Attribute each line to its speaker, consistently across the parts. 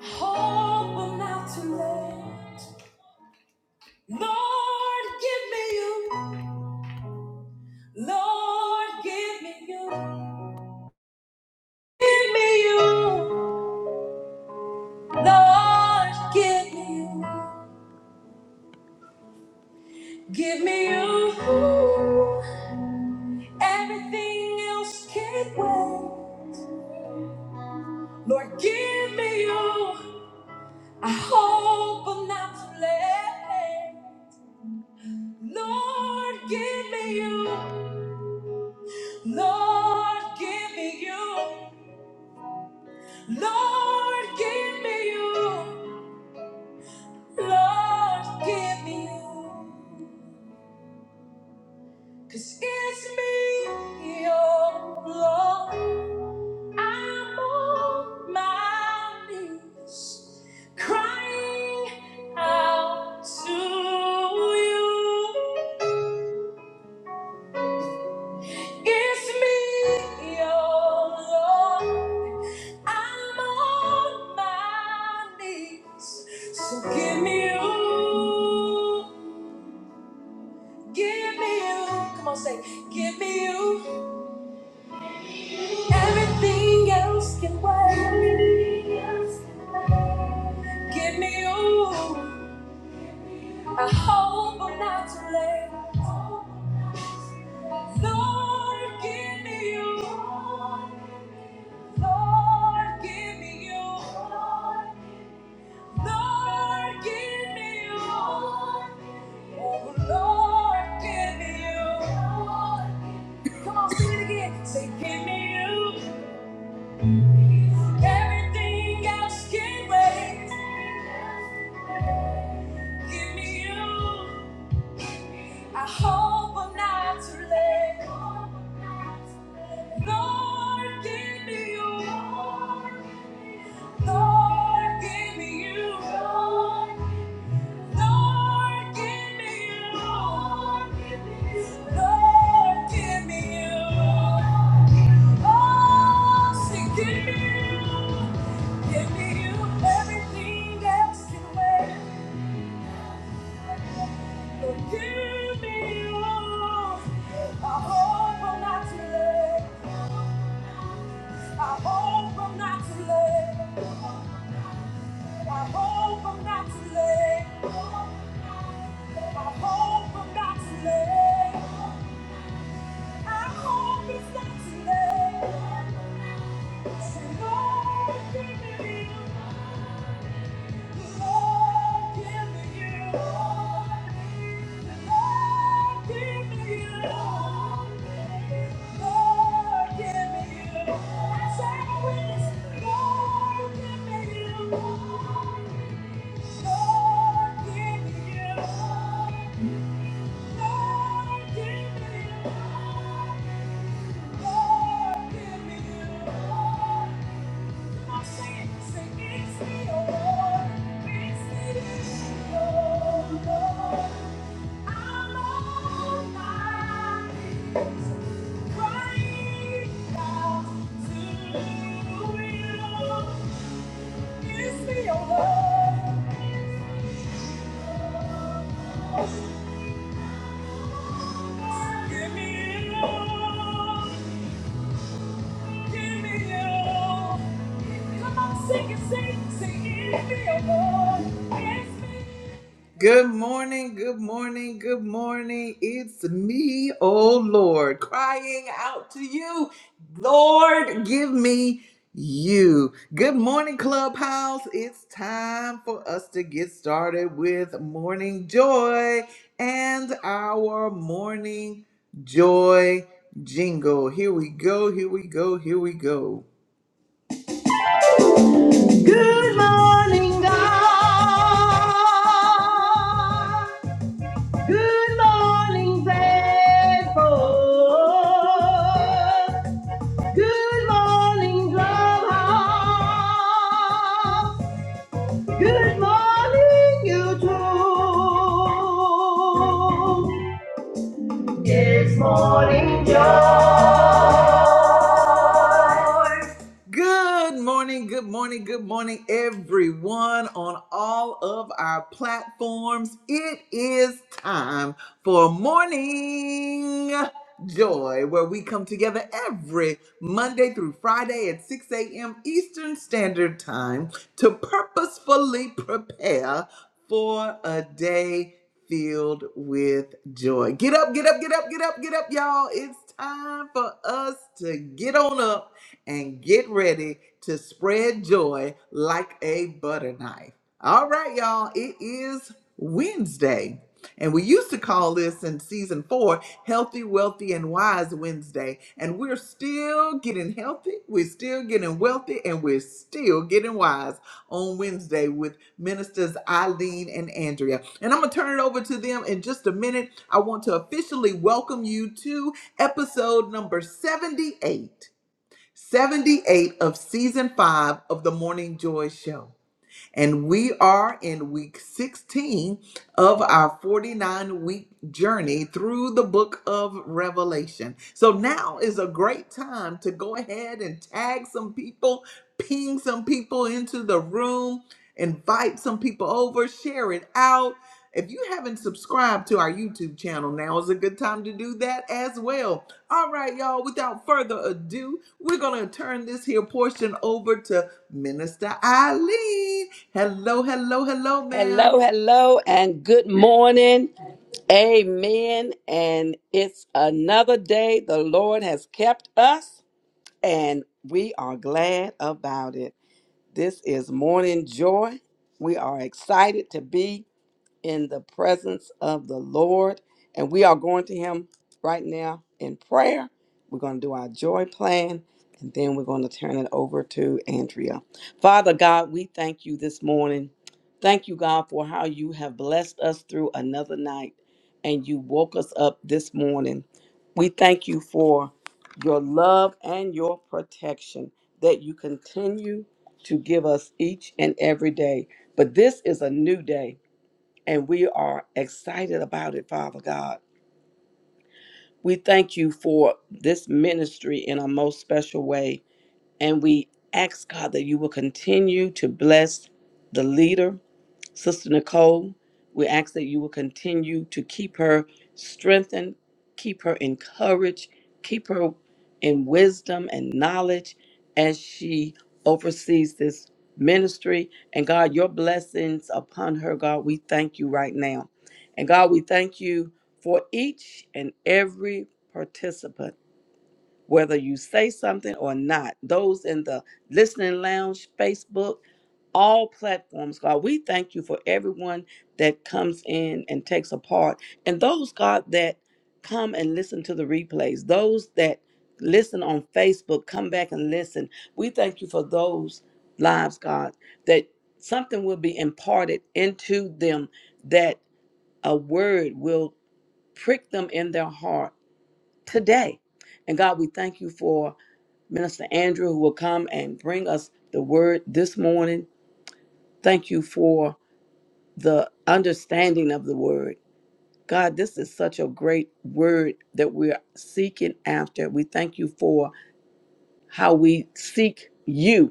Speaker 1: Hope I'm not too late. Lord, give me you. Lord, give me you. Give me you. Lord, give me you. Give me you. Everything else can't wait. Lord, give me you. I hope I'm not too late. Lord, give me you. Lord, give me you. Lord, give me you. Lord, give me you. Cause it's me, your Lord. I'm on my knees, crying out to you. It's me, oh Lord. I'm on my knees. So give me you. Give me you. Come on, say, give me you. Everything else can wait. Give me you. I hope I'm not too late. Lord, give me you. Lord, give me you. Lord, give me you. Oh, Lord, give me you. Come on, sing it again. Say, give me you. Everything else can wait. Give me you. I hope I'm not too late. Lord, give me you. Lord, give me you. Lord, give me you. Lord, give me you. Oh, say, give me you. Give me you. Everything else can wait. So Give me yours. I hope I'm not too late. I hope I'm not too late. I hope I'm not too late. I hope I'm not too late. I hope it's not too late. So Lord, give me you. Thank you. Give me your love. Give me your love. Come on, sing it, sing, it, sing it, give me your love. give me Good morning, good morning, good morning. It's me, oh Lord, crying out to you. Lord, give me you. Good morning, Clubhouse. It's time for us to get started with morning joy and our morning joy jingle. Here we go, here we go, here we go. Good morning, good morning, good morning, everyone on all of our platforms. It is time for morning Joy, where we come together every Monday through Friday at 6 a.m. Eastern Standard Time to purposefully prepare for a day filled with joy. Get up, get up, get up, get up, get up, y'all. It's time for us to get on up and get ready to spread joy like a butter knife. All right, y'all, it is Wednesday. And we used to call this in season four Healthy, Wealthy, and Wise Wednesday. And we're still getting healthy, we're still getting wealthy, and we're still getting wise on Wednesday with ministers Eileen and Andrea. And I'm going to turn it over to them in just a minute. I want to officially welcome you to episode number 78, 78 of season 5 of the Morning Joy Show. And we are in week 16 of our 49 week journey through the book of Revelation. So now is a great time to go ahead and tag some people, ping some people into the room, invite some people over, share it out. If you haven't subscribed to our YouTube channel, now is a good time to do that as well. All right, y'all, without further ado, we're going to turn this here portion over to Minister Eileen. Hello, hello, hello, ma'am.
Speaker 2: Hello, hello, and good morning. Amen. And it's another day the Lord has kept us, and we are glad about it. This is morning joy. We are excited to be in the presence of the Lord. And we are going to Him right now in prayer. We're going to do our joy plan. And then we're going to turn it over to Andrea. Father God, we thank you this morning. Thank you, God, for how you have blessed us through another night and you woke us up this morning. We thank you for your love and your protection that you continue to give us each and every day. But this is a new day and we are excited about it, Father God. We thank you for this ministry in a most special way, and we ask, God, that you will continue to bless the leader Sister Nicole, we ask that you will continue to keep her strengthened, keep her encouraged, keep her in wisdom and knowledge as she oversees this ministry. And God, your blessings upon her, God, we thank you right now. And God, we thank you for each and every participant whether you say something or not. Those in the listening lounge, Facebook, all platforms, God, we thank you for everyone that comes in and takes a part. And those, God, that come and listen to the replays, those that listen on Facebook, come back and listen. We thank you for those lives, God, that something will be imparted into them, that a word will prick them in their heart today. And God, we thank you for Minister Andrew who will come and bring us the word this morning. Thank you for the understanding of the word. God, this is such a great word that we're seeking after. We thank you for how we seek you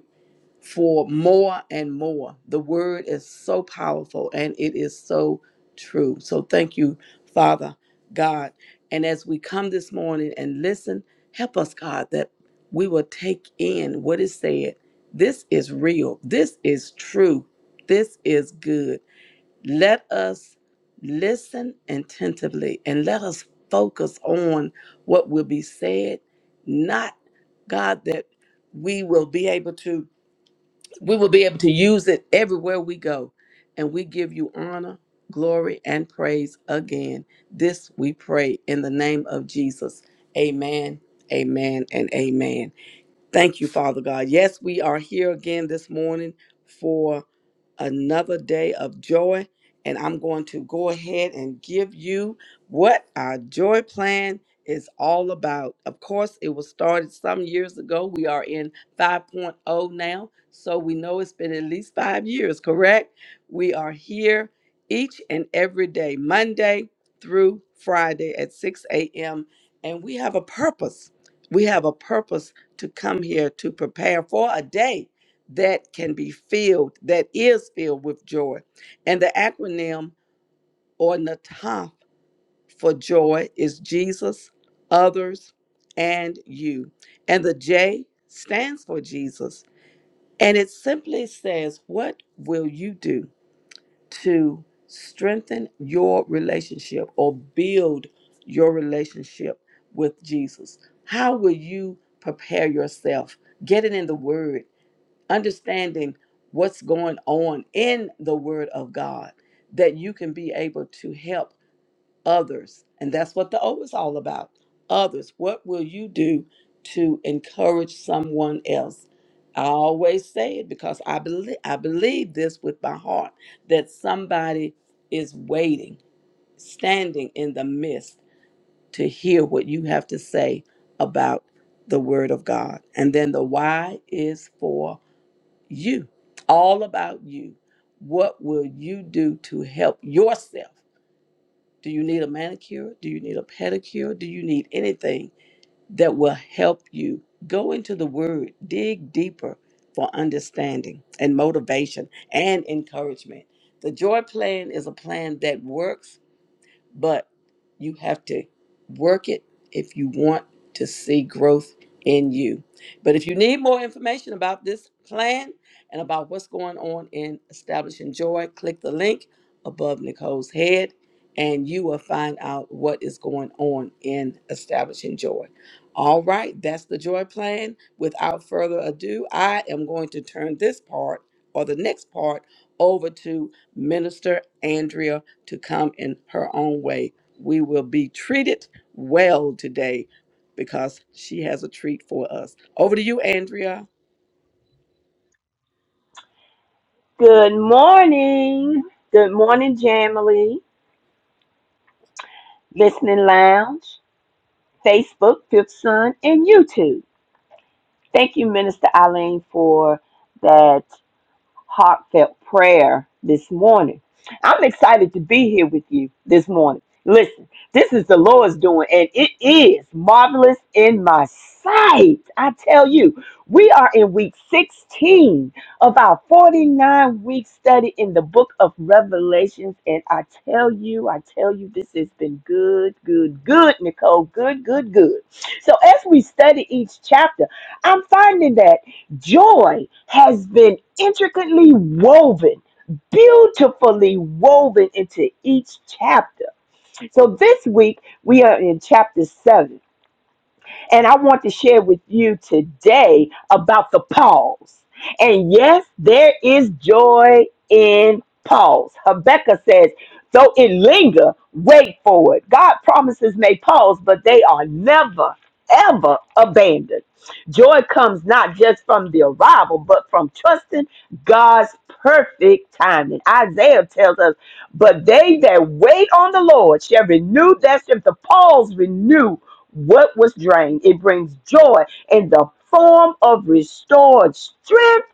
Speaker 2: for more and more. The word is so powerful and it is so true. So thank you, Father God. And as we come this morning and listen, help us, God, that we will take in what is said. This is real. This is true. This is good. Let us listen attentively and let us focus on what will be said, not, God, that we will be able to we will be able to use it everywhere we go. And we give you honor, glory, and praise again. This we pray in the name of Jesus. Amen, amen, and amen. Thank you, Father God. Yes, we are here again this morning for another day of joy. And I'm going to go ahead and give you what our joy plan is all about. Of course, it was started some years ago. We are in 5.0 now. So we know it's been at least five years, correct? We are here each and every day, Monday through Friday at 6 a.m. And we have a purpose. We have a purpose to come here to prepare for a day that can be filled, that is filled with joy. And the acronym or NATAF for joy is Jesus, others, and you. And the J stands for Jesus. And it simply says, What will you do to strengthen your relationship or build your relationship with Jesus? How will you prepare yourself? Get it in the word understanding what's going on in the word of God that you can be able to help others. And that's what the O is all about. Others. What will you do to encourage someone else? I always say it because I believe I believe this with my heart that somebody is waiting, standing in the midst to hear what you have to say about the word of God. And then the why is for you, all about you. What will you do to help yourself? Do you need a manicure? Do you need a pedicure? Do you need anything that will help you? Go into the word, dig deeper for understanding and motivation and encouragement. The joy plan is a plan that works but you have to work it if you want to see growth in you. But if you need more information about this plan and about what's going on in Establishing Joy, click the link above Nicole's head and you will find out what is going on in Establishing Joy. All right, that's the joy plan. Without further ado, I am going to turn this part or the next part over to Minister Andrea to come in her own way. We will be treated well today because she has a treat for us. Over to you, Andrea.
Speaker 3: Good morning. Good morning, Jamily, Listening Lounge, Facebook, Fifth Son, and YouTube. Thank you, Minister Eileen, for that heartfelt prayer this morning. I'm excited to be here with you this morning. Listen, this is the Lord's doing, and it is marvelous in my sight. I tell you, we are in week 16 of our 49 week study in the book of Revelations. And I tell you, I tell you, this has been good, good, good, Nicole. Good, good, good. So, as we study each chapter, I'm finding that. Joy has been intricately woven, beautifully woven into each chapter. So this week we are in chapter 7 and I want to share with you today about the pause. And yes, there is joy in pause. Habakkuk says, though it linger, wait for it. God promises may pause, but they are never, ever abandoned. Joy comes not just from the arrival, but from trusting God's perfect timing. Isaiah tells us, but they that wait on the Lord shall renew their strength. The pause renew what was drained. It brings joy in the form of restored strength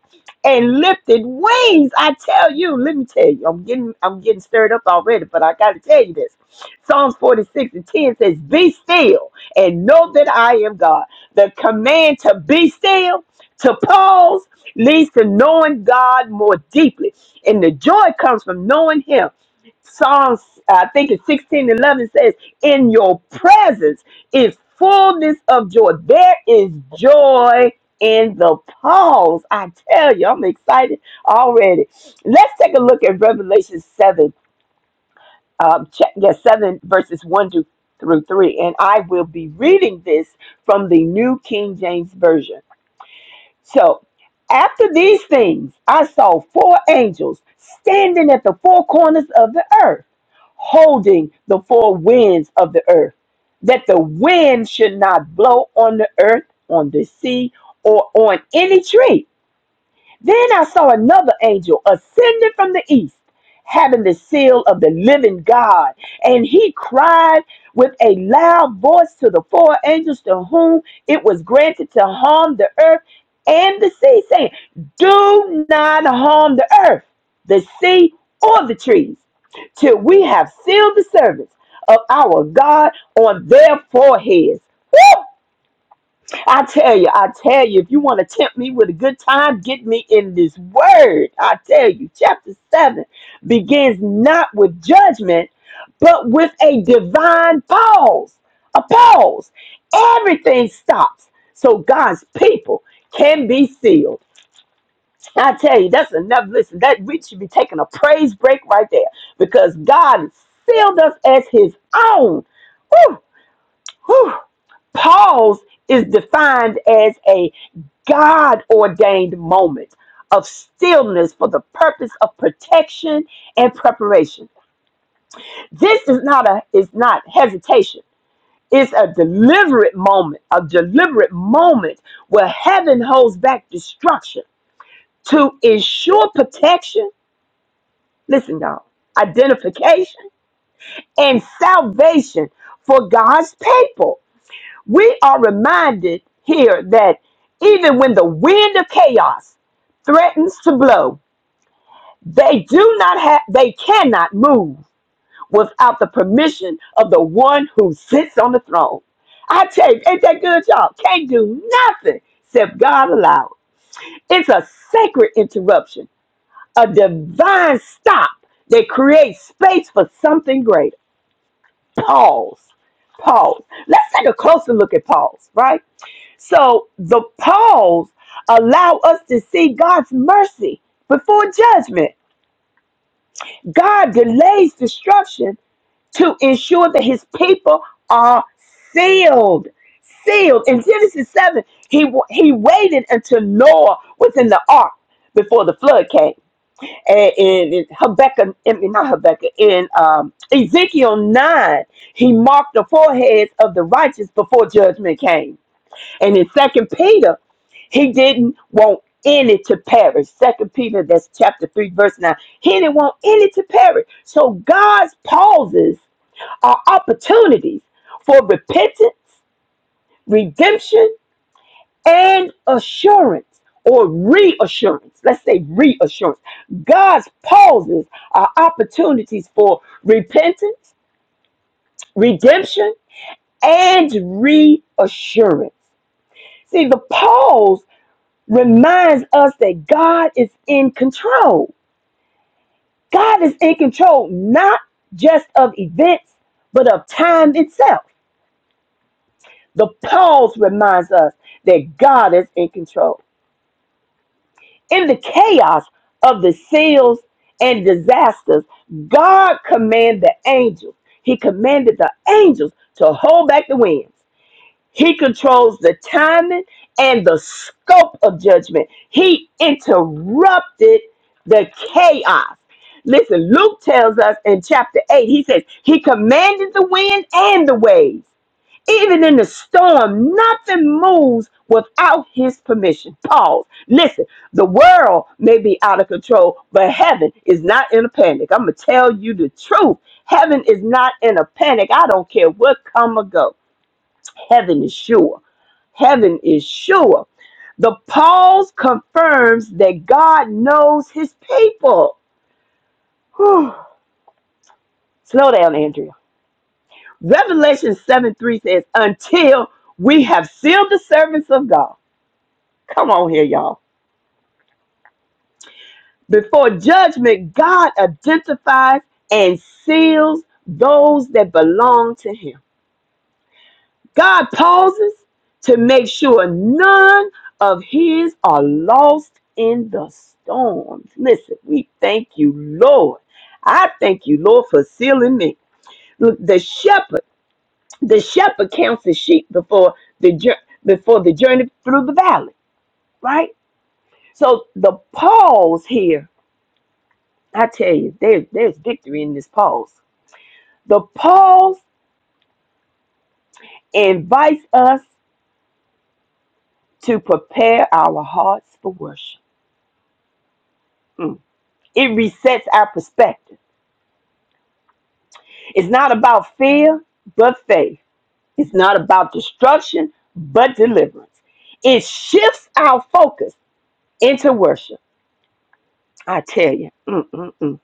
Speaker 3: and lifted wings. I tell you, let me tell you, I'm getting I'm getting stirred up already, but I gotta tell you this. Psalms 46 and 10 says, Be still and know that I am God. The command to be still, to pause, leads to knowing God more deeply. And the joy comes from knowing Him. Psalms, I think it's 16 11 says, In your presence is fullness of joy. There is joy in the pause. I tell you, I'm excited already. Let's take a look at Revelation 7, um, check, yeah, 7 verses 1 to, through 3. And I will be reading this from the New King James Version. So, after these things, I saw four angels standing at the four corners of the earth holding the four winds of the earth, that the wind should not blow on the earth, on the sea, or on any tree then I saw another angel ascending from the east, having the seal of the living God. And he cried with a loud voice to the four angels to whom it was granted to harm the earth and the sea, saying, Do not harm the earth, the sea, or the trees, till we have sealed the servants of our God on their foreheads. Woo! I tell you, I tell you, if you want to tempt me with a good time, get me in this word. I tell you, chapter 7 begins not with judgment, but with a divine pause. A pause. Everything stops. So God's people can be sealed. I tell you, that's enough. Listen, that we should be taking a praise break right there because God sealed us as his own. Woo, woo. Pause is defined as a God ordained moment of stillness for the purpose of protection and preparation. This is not a is not hesitation. It's a deliberate moment, a deliberate moment where heaven holds back destruction to ensure protection. Listen, y'all, identification and salvation for God's people. We are reminded here that even when the wind of chaos threatens to blow, they do not have they cannot move without the permission of the one who sits on the throne. I tell you, ain't that good, y'all? Can't do nothing except God allowed. It's a sacred interruption, a divine stop that creates space for something greater. Pause. Pause. Let's take a closer look at pause, right? So the pause allow us to see God's mercy before judgment. God delays destruction to ensure that his people are sealed. Sealed. In Genesis 7, he, he waited until Noah was in the ark before the flood came. And in Habakkuk, I mean, not Habakkuk, in um, Ezekiel 9, he marked the foreheads of the righteous before judgment came. And in Second Peter, he didn't want any to perish. Second Peter, that's chapter three, verse nine. He didn't want any to perish. So God's pauses are opportunities for repentance, redemption, and assurance or reassurance. Let's say reassurance. God's pauses are opportunities for repentance, redemption, and reassurance. See, the pause reminds us that God is in control. God is in control not just of events, but of time itself. The pause reminds us that God is in control. In the chaos of the seals and disasters, God commanded the angels. He commanded the angels to hold back the winds. He controls the timing and the scope of judgment. He interrupted the chaos. Listen, Luke tells us in chapter 8, he says, He commanded the wind and the waves. Even in the storm, nothing moves without his permission. Pause. Listen, the world may be out of control, but heaven is not in a panic. I'm going to tell you the truth. Heaven is not in a panic. I don't care what come or go. Heaven is sure. Heaven is sure. The pause confirms that God knows his people. Whew. Slow down, Andrea. Revelation 7 3 says, Until we have sealed the servants of God. Come on here, y'all. Before judgment, God identifies and seals those that belong to him. God pauses to make sure none of his are lost in the storms. Listen, we thank you, Lord. I thank you, Lord, for sealing me. Look, the shepherd, the shepherd counts the sheep before the jour- before the journey through the valley, right? So the pause here, I tell you, there's there's victory in this pause. The pause invites us to prepare our hearts for worship. Mm. It resets our perspective. It's not about fear, but faith. It's not about destruction, but deliverance. It shifts our focus into worship. I tell you. mm, mm, mm.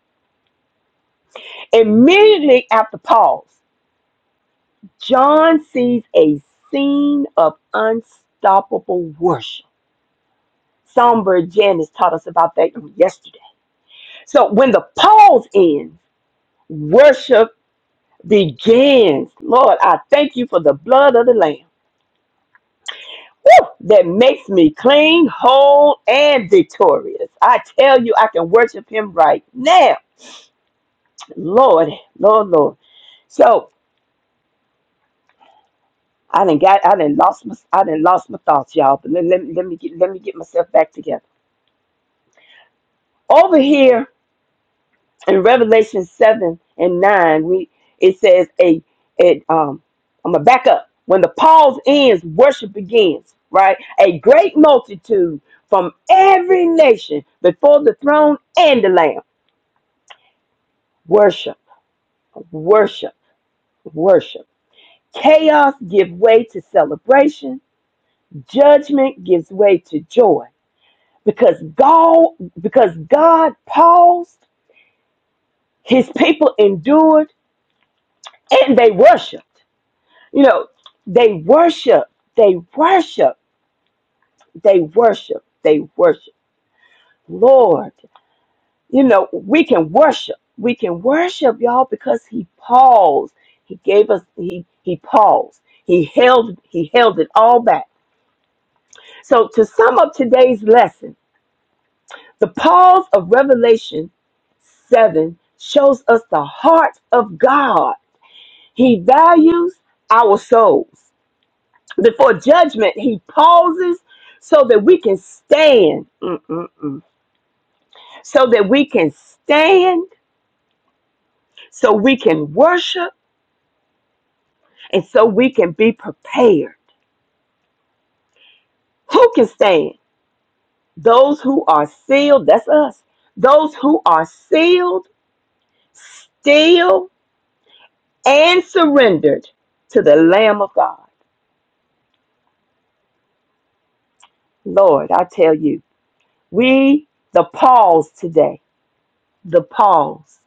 Speaker 3: Immediately after Paul's, John sees a scene of unstoppable worship. Songbird Janice taught us about that yesterday. So when the pause ends, worship begins. Lord, I thank you for the blood of the Lamb. Woo! that makes me clean, whole, and victorious. I tell you, I can worship him right now. Lord, Lord, Lord. So I didn't got I didn't lost my I didn't lost my thoughts, y'all. But let, let, me- let me get let me get myself back together. Over here in Revelation 7 and 9, we it says a it um I'm gonna back up. When the pause ends, worship begins, right? A great multitude from every nation before the throne and the Lamb. Worship, worship, worship. Chaos gives way to celebration. Judgment gives way to joy. Because God, because God paused, his people endured, and they worshiped. You know, they worship, they worship, they worship, they worship. Lord, you know, we can worship. We can worship, y'all, because he paused. He gave us, he, he paused. He held, he held it all back So, to sum up today's lesson, the pause of Revelation 7 shows us the heart of God. He values our souls. Before judgment, He pauses so that we can stand. Mm-mm-mm. So that we can stand, so we can worship, and so we can be prepared. Who can stand? Those who are sealed, that's us. Those who are sealed, still and surrendered to the Lamb of God. Lord, I tell you, we, the pause today, the pause,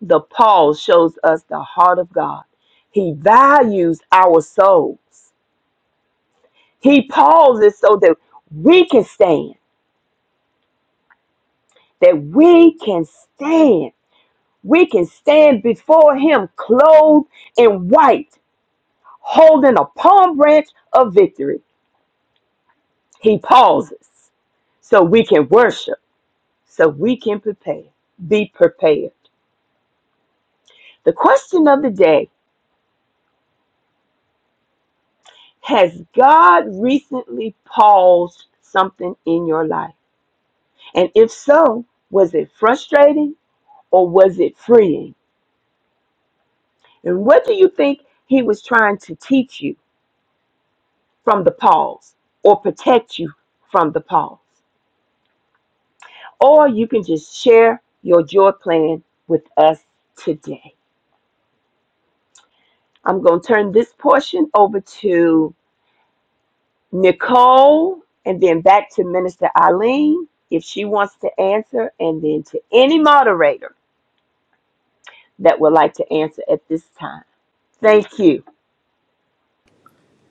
Speaker 3: the pause shows us the heart of God. He values our souls. He pauses so that we can stand, that we can stand. We can stand before Him clothed in white, holding a palm branch of victory. He pauses so we can worship so we can prepare. Be prepared. The question of the day Has God recently paused something in your life? And if so, was it frustrating or was it freeing? And what do you think He was trying to teach you from the pause or protect you from the pause? Or you can just share your joy plan with us today. I'm going to turn this portion over to Nicole, and then back to Minister Eileen if she wants to answer, and then to any moderator that would like to answer at this time. Thank you.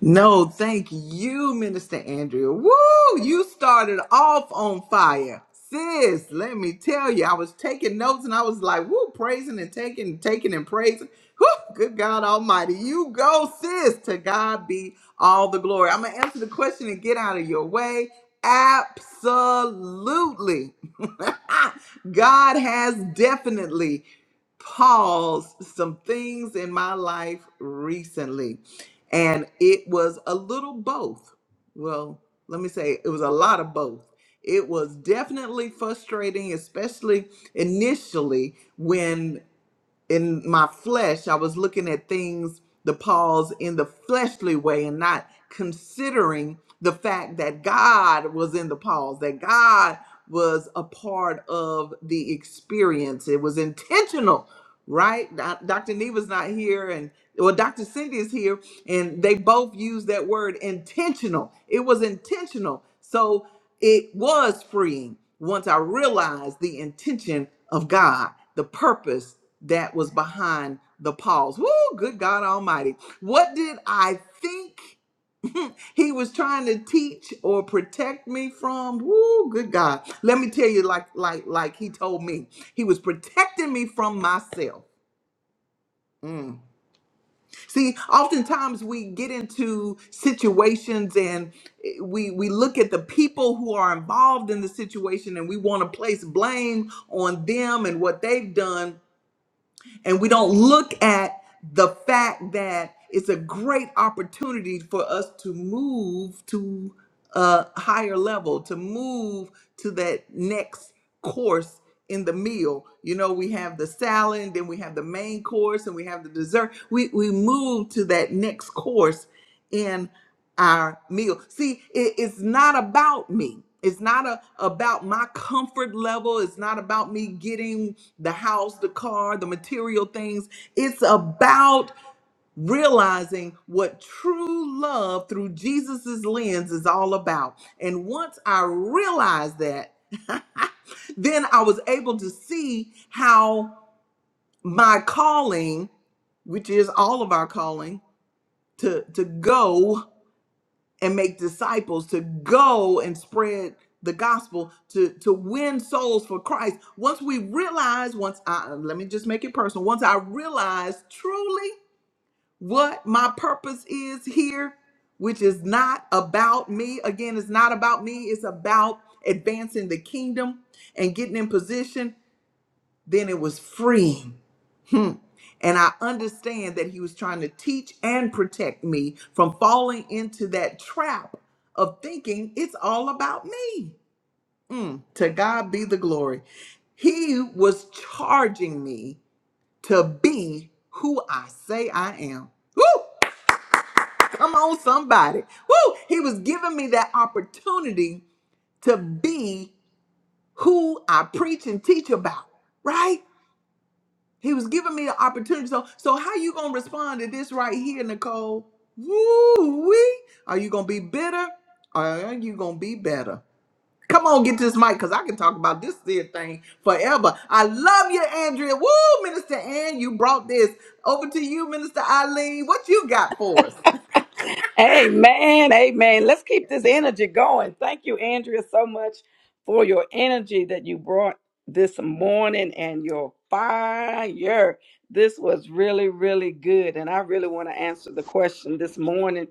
Speaker 1: No, thank you, Minister Andrea. Woo! You started off on fire. Sis, let me tell you, I was taking notes and I was like, woo, praising and taking, taking and praising. Woo, good God Almighty. You go, sis. To God be all the glory. I'm going to answer the question and get out of your way. Absolutely. God has definitely paused some things in my life recently and it was a little both. Well, let me say it was a lot of both. It was definitely frustrating, especially initially when in my flesh, I was looking at things, the Paul's in the fleshly way and not considering the fact that God was in the Paul's, that God was a part of the experience. It was intentional, right? Doc- Dr. Neva's not here and well, Dr. Cindy is here, and they both use that word intentional. It was intentional. So it was freeing once I realized the intention of God, the purpose that was behind the pause. Woo, good God Almighty. What did I think he was trying to teach or protect me from? Woo, good God. Let me tell you, like, like, like he told me, he was protecting me from myself. Mm. See, oftentimes we get into situations and eh, we we look at the people who are involved in the situation and we want to place blame on them and what they've done and we don't look at the fact that it's a great opportunity for us to move to a higher level, to move to that next course in the meal. You know, we have the salad, then we have the main course, and we have the dessert. We we move to that next course in our meal. See, it- it's not about me. It's not a, about my comfort level. It's not about me getting the house, the car, the material things. It's about realizing what true love through Jesus's lens is all about. And once I realized that, then I was able to see how my calling, which is all of our calling, to to go and make disciples to go and spread the gospel to to win souls for Christ. Once we realize, once I let me just make it personal. Once I realize truly what my purpose is here, which is not about me. Again, it's not about me. It's about advancing the kingdom and getting in position. Then it was freeing Hmm. And I understand that he was trying to teach and protect me from falling into that trap of thinking it's all about me. Mm, to God be the glory. He was charging me to be who I say I am. Woo! Come on, somebody. Woo! He was giving me that opportunity to be who I preach and teach about, right? He was giving me the opportunity. So, so how you gonna respond to this right here, Nicole? Woo wee! Are you gonna be bitter? Or are you gonna be better? Come on, get this mic, cause I can talk about this here thing forever. I love you, Andrea. Woo, Minister Ann, you brought this over to you, Minister Eileen. What you got for us?
Speaker 2: Amen. Amen. Let's keep this energy going. Thank you, Andrea, so much for your energy that you brought this morning and your fire. This was really, really good. And I really want to answer the question this morning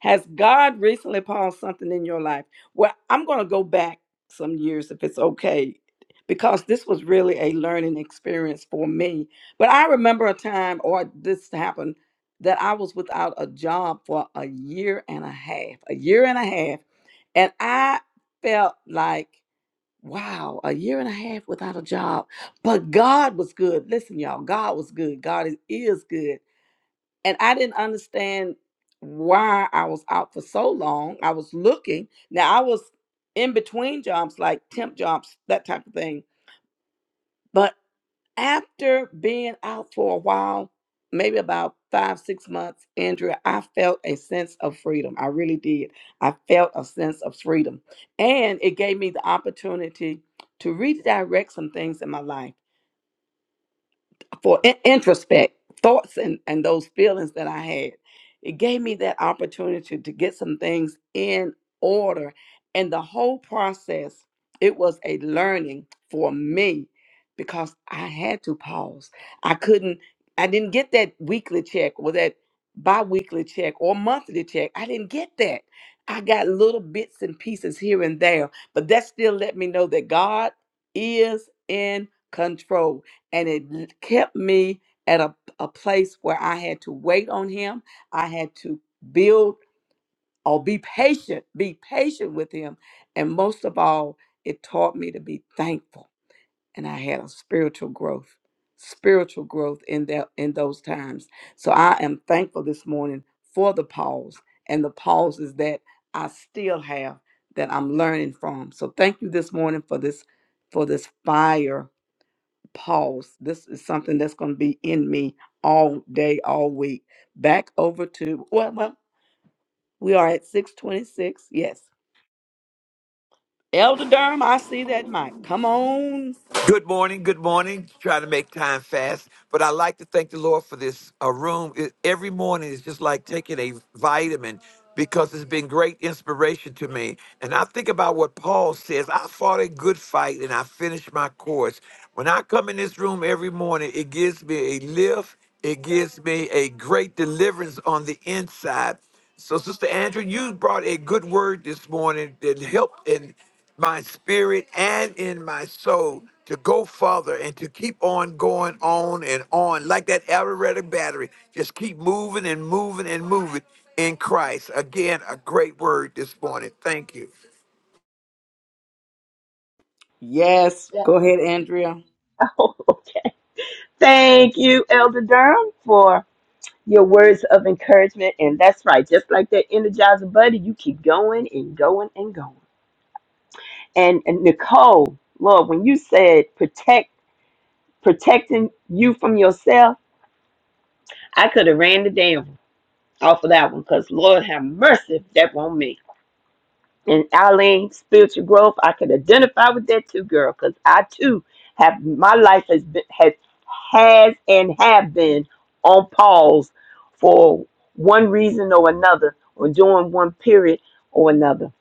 Speaker 2: Has God recently paused something in your life? Well, I'm going to go back some years if it's okay, because this was really a learning experience for me. But I remember a time, or this happened that I was without a job for a year and a half, a year and a half. And I felt like, wow, a year and a half without a job. But God was good. Listen, y'all, God was good. God is, is good. And I didn't understand why I was out for so long. I was looking. Now, I was in between jobs, like temp jobs, that type of thing but after being out for a while, maybe about five, six months, Andrea, I felt a sense of freedom. I really did. I felt a sense of freedom. And it gave me the opportunity to redirect some things in my life for in- introspect thoughts and, and those feelings that I had. It gave me that opportunity to get some things in order. And the whole process, it was a learning for me because I had to pause. I couldn't, I didn't get that weekly check or that bi weekly check or monthly check. I didn't get that. I got little bits and pieces here and there, but that still let me know that God is in control and it l- kept me at a, a place where I had to wait on him. I had to build or be patient, be patient with him. And most of all, it taught me to be thankful. And I had a spiritual growth, spiritual growth in that in those times. So I am thankful this morning for the pause and the pauses that I still have that I'm learning from. So thank you this morning for this for this fire pause. This is something that's going to be in me all day, all week. Back over to well, well, we are at six twenty-six. Yes, Elder Durham, I see that mic. Come on.
Speaker 4: Good morning. Good morning. Trying to make time fast, but I like to thank the Lord for this uh, room. It- every morning is just like taking a vitamin because it's been great inspiration to me. And I think about what Paul says I fought a good fight and I finished my course. When I come in this room every morning, it gives me a lift, it gives me a great deliverance on the inside. So, Sister Andrew, you brought a good word this morning that helped my spirit and in my soul to go further and to keep on going on and on like that aerobatic battery just keep moving and moving and moving in christ again a great word this morning thank you
Speaker 2: Yes, go ahead, Andrea.
Speaker 3: Thank you, Elder Durham, for your words of encouragement. And that's right, just like that energizer buddy, you keep going and going and going. And, and Nicole, Lord, when you said protect protecting you from yourself, I could have ran the damn off of that one because Lord have mercy, that won't me. and Eileen, spiritual growth. I can identify with that too, girl, because I too have my life has been has has and have been on pause for one reason or another, or during one period or another,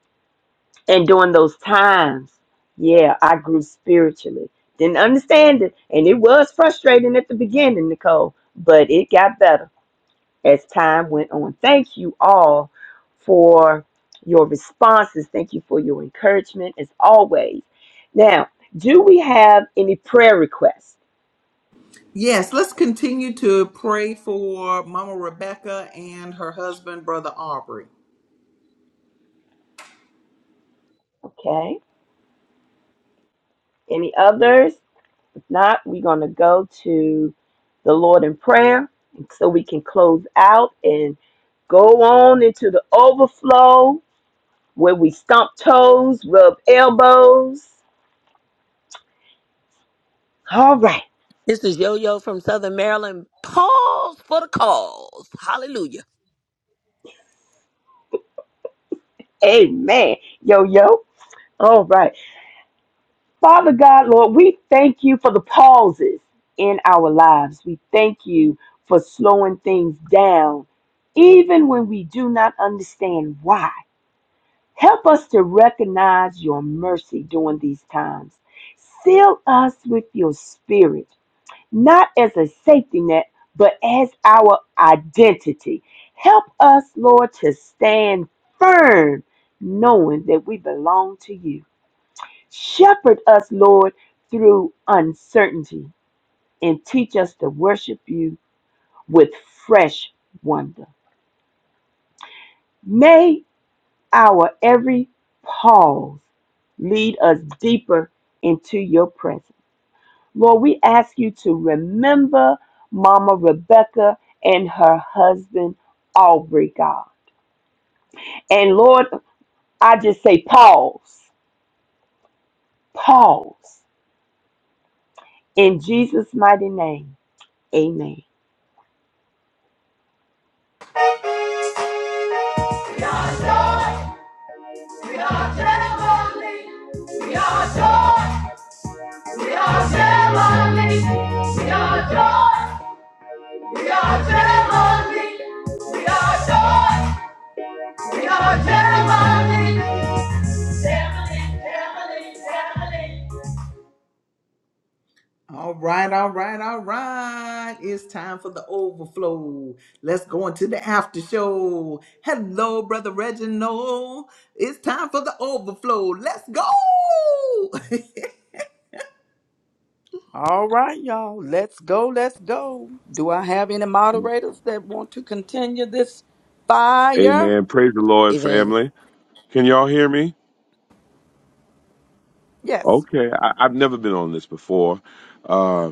Speaker 3: and during those times, yeah, I grew spiritually. Didn't understand it, and it was frustrating at the beginning, Nicole, but it got better as time went on. Thank you all for your responses. Thank you for your encouragement as always. Now, do we have any prayer requests?
Speaker 1: Yes, let's continue to pray for Mama Rebecca and her husband, Brother Aubrey.
Speaker 3: Okay. Any others? If not, we're going to go to the Lord in prayer so we can close out and go on into the overflow where we stomp toes, rub elbows. All right.
Speaker 5: This is Yo Yo from Southern Maryland. Pause for the cause. Hallelujah.
Speaker 3: Amen. Yo, yo. All right. Father God, Lord, we thank you for the pauses in our lives. We thank you for slowing things down, even when we do not understand why. Help us to recognize your mercy during these times. Seal us with your spirit, not as a safety net, but as our identity. Help us, Lord, to stand firm, knowing that we belong to you. Shepherd us, Lord, through uncertainty and teach us to worship you with fresh wonder. May our every pause lead us deeper into your presence. Lord, we ask you to remember Mama Rebecca and her husband, Aubrey God. And Lord, I just say pause, pause. In Jesus' mighty name, amen.
Speaker 1: We are heavenly. We are joy. We are heavenly. We are joy. We are heavenly. We are joy. We are heavenly. Heavenly, heavenly, heavenly. All right, all right, all right. It's time for the overflow. Let's go into the after show. Hello, Brother Reginald. It's time for the overflow. Let's go.
Speaker 2: All right, y'all. Let's go. Let's go. Do I have any moderators that want to continue this fire?
Speaker 6: Amen. Praise the Lord,
Speaker 5: Even
Speaker 6: family. Can y'all hear me?
Speaker 2: Yes.
Speaker 6: Okay, I, I've never been on this before. Uh,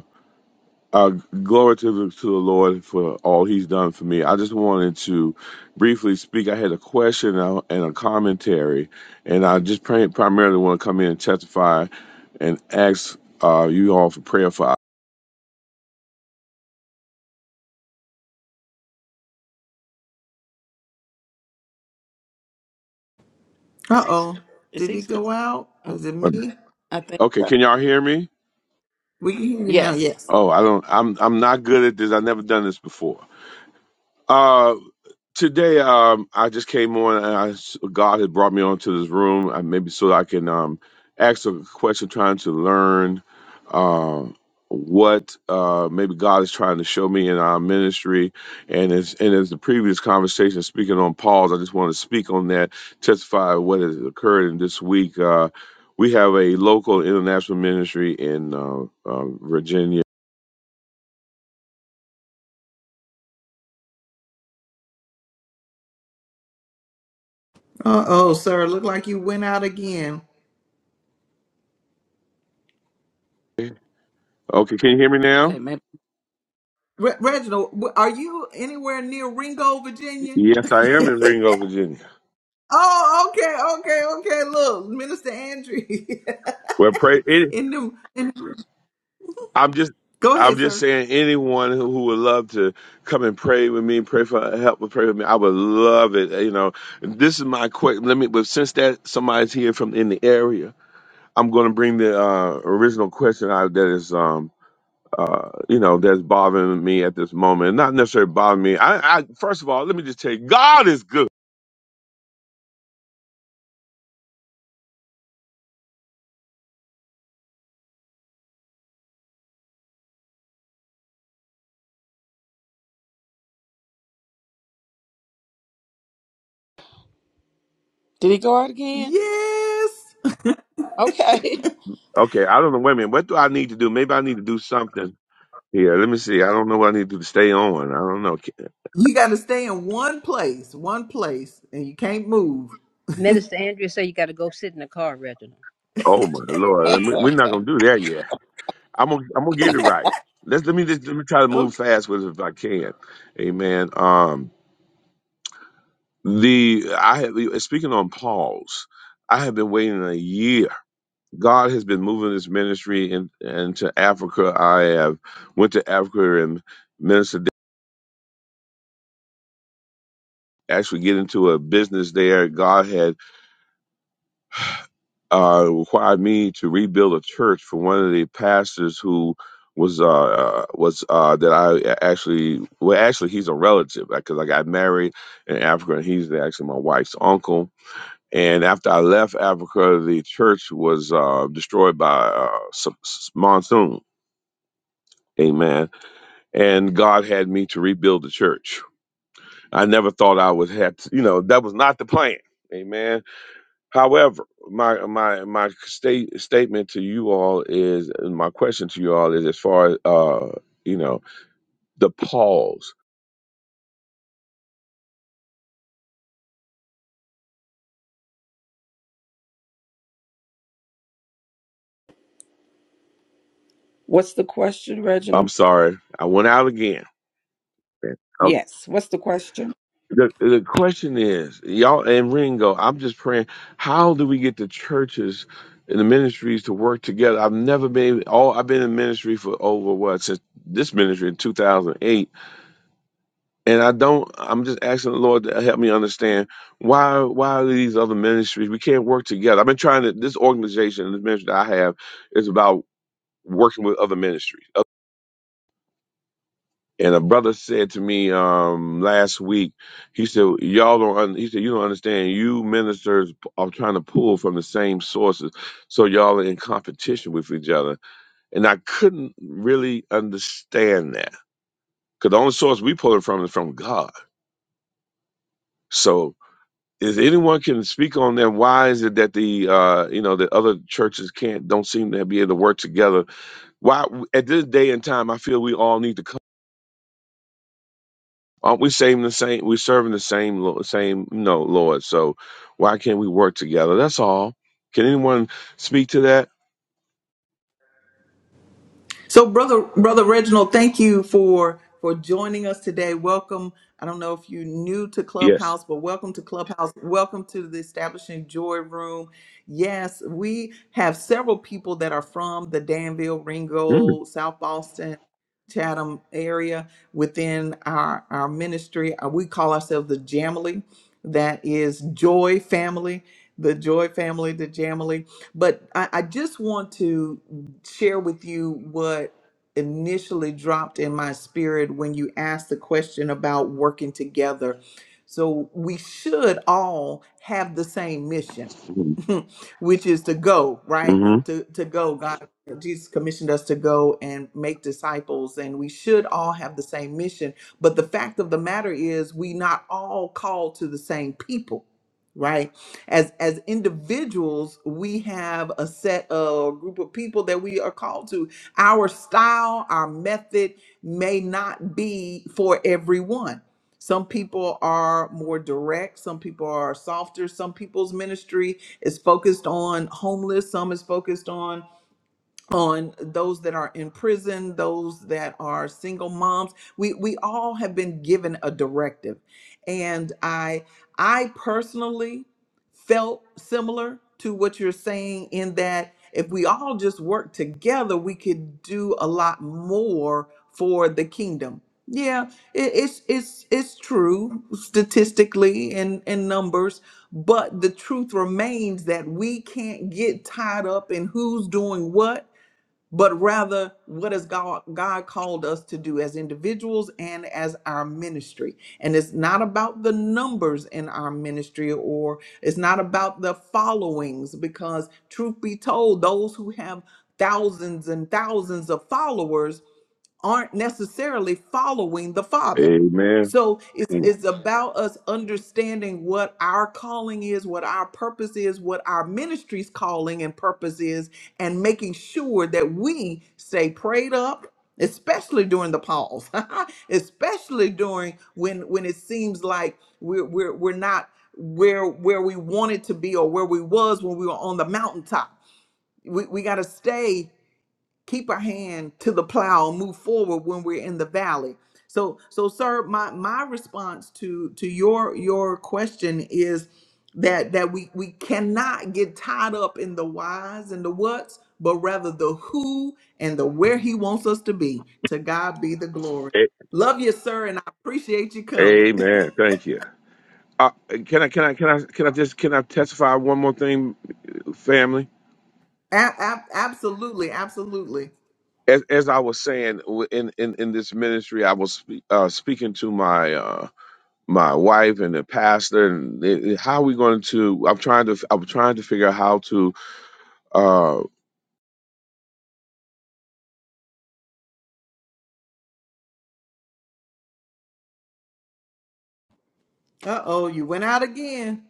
Speaker 6: uh, glory to the, to the Lord for all He's done for me. I just wanted to briefly speak. I had a question and a and a commentary, and I just pray, primarily want to come in and testify and ask uh, you all for prayer for.
Speaker 1: Uh oh.
Speaker 2: Is
Speaker 1: Did
Speaker 2: he
Speaker 1: he
Speaker 2: still?
Speaker 1: go out?
Speaker 2: Oh,
Speaker 1: Is it me?
Speaker 2: I think
Speaker 6: Okay,
Speaker 2: so.
Speaker 6: can y'all hear me?
Speaker 1: We can hear you now.
Speaker 2: Yes.
Speaker 1: Yes.
Speaker 6: Oh, I don't. I'm I'm not good at this. I've never done this before. Uh, today, um, I just came on, and I s God had brought me onto this room, uh, maybe so I can um, ask a question, trying to learn uh, what uh, maybe God is trying to show me in our ministry. And as and as the previous conversation, speaking on Paul's, I just want to speak on that, testify what has occurred in this week. Uh, we have a local international ministry in uh, uh, Virginia.
Speaker 1: Uh oh, sir. Look like you went out again.
Speaker 6: Okay, can you hear me now?
Speaker 2: Okay, maybe.
Speaker 1: Re- Reginald, w- are you anywhere near Ringo, Virginia?
Speaker 6: Yes, I am in Ringo, Virginia.
Speaker 1: oh, okay, okay, okay. Look, Minister Andrew.
Speaker 6: Well, pray. It,
Speaker 1: in the, in,
Speaker 6: I'm just,
Speaker 1: go
Speaker 6: I'm
Speaker 1: ahead,
Speaker 6: just
Speaker 1: sir.
Speaker 6: saying, anyone who, who would love to come and pray with me, pray for help, pray with me, I would love it. You know, this is my quick. Let me. But since that somebody's here from in the area, I'm going to bring the uh, original question out that is, um, uh, you know, that's bothering me at this moment. Not necessarily bothering me. I, I first of all, let me just tell you, God is good.
Speaker 2: Did he go out again?
Speaker 1: Yes.
Speaker 2: Okay.
Speaker 6: Okay, I don't know. Wait a minute. What do I need to do? Maybe I need to do something. here. let me see. I don't know what I need to do to stay on. I don't know.
Speaker 1: You got to stay in one place, one place, and you can't move.
Speaker 7: Minister Andrea said you got to go sit in the car, Reginald.
Speaker 6: Oh my lord, We- we're not gonna do that yet. I'm gonna I'm gonna get it right. Let's let me just let me try to move fast with it if I can. Amen. Um, the I have speaking on Paul's. I have been waiting a year. God has been moving this ministry in, into Africa. I have went to Africa and ministered. Actually, get into a business there. God had uh, required me to rebuild a church for one of the pastors who was uh, uh, was uh, that I actually well actually he's a relative because I got married in Africa and he's actually my wife's uncle. And after I left Africa, the church was uh, destroyed by uh, s- s- monsoon. Amen. And God had me to rebuild the church. I never thought I would have to, you know, that was not the plan. Amen However, my my my state statement to you all is and my question to you all is as far as uh you know the pause.
Speaker 2: What's the question, Reginald?
Speaker 6: I'm sorry, I went out again. Okay.
Speaker 2: Yes. What's the question?
Speaker 6: The the question is y'all and Ringo. I'm just praying. How do we get the churches and the ministries to work together? I've never been all. I've been in ministry for over what since this ministry in 2008 and I don't. I'm just asking the Lord to help me understand why why are these other ministries we can't work together. I've been trying to. This organization, this ministry that I have, is about working with other ministries. And a brother said to me um, last week, he said, "Y'all don't." Un-, he said, "You don't understand. You ministers are trying to pull from the same sources, so y'all are in competition with each other." And I couldn't really understand that because the only source we pull it from is from God. So. Is anyone can speak on that? Why is it that the uh, you know the other churches can't don't seem to be able to work together? Why at this day and time, I feel we all need to come. Aren't we saving the same? We're serving the same Lo- same you know, Lord. So why can't we work together? That's all. Can anyone speak to that?
Speaker 1: So, brother, brother Reginald, thank you for for joining us today. Welcome. I don't know if you're new to
Speaker 6: Yes.
Speaker 1: Clubhouse, but welcome to Clubhouse. Welcome to the Establishing Joy Room. Yes, we have several people that are from the Danville, Ringgold, South Boston, Chatham area within our our ministry. Uh, We call ourselves the Jamily. That is Joy Family, the Joy Family, the Jamily. But I, I just want to share with you what initially dropped in my spirit when you asked the question about working together. So we should all have the same mission,
Speaker 6: Mm-hmm.
Speaker 1: which is to go, right?
Speaker 6: Mm-hmm.
Speaker 1: To to go. God Jesus commissioned us to go and make disciples and we should all have the same mission, but the fact of the matter is we not all called to the same people, right? as as individuals we have a set of group of people that we are called to our style our method may not be for everyone some people are more direct some people are softer some people's ministry is focused on homeless some is focused on on those that are in prison, those that are single moms. We we all have been given a directive. And I I personally felt similar to what you're saying in that if we all just work together, we could do a lot more for the kingdom. Yeah, it, it's it's it's true statistically and in numbers, but the truth remains that we can't get tied up in who's doing what but rather what has God, God called us to do as individuals and as our ministry. And it's not about the numbers in our ministry or it's not about the followings, because truth be told, those who have thousands and thousands of followers aren't necessarily following the Father.
Speaker 6: Amen.
Speaker 1: So it's
Speaker 6: Mm.
Speaker 1: it's about us understanding what our calling is, what our purpose is, what our ministry's calling and purpose is, and making sure that we stay prayed up, especially during the pause, especially during when when it seems like we're we're we're not where where we wanted to be or where we was when we were on the mountaintop. We we gotta stay keep our hand to the plow and move forward when we're in the valley so so sir my my response to to your your question is that that we we cannot get tied up in the whys and the whats but rather the who and the where he wants us to be to god be the glory
Speaker 6: A-
Speaker 1: love you sir and i appreciate you coming
Speaker 6: Amen. Thank you. Uh, can I can I can I can I just can I testify one more thing, family?
Speaker 1: A- ab- absolutely absolutely
Speaker 6: as, as I was saying w- in, in, in this ministry, I was spe- uh, speaking to my uh, my wife and the pastor, and they- they- how are we going to? I'm trying to f- I'm trying to figure out how to. Uh,
Speaker 1: uh-oh you went out again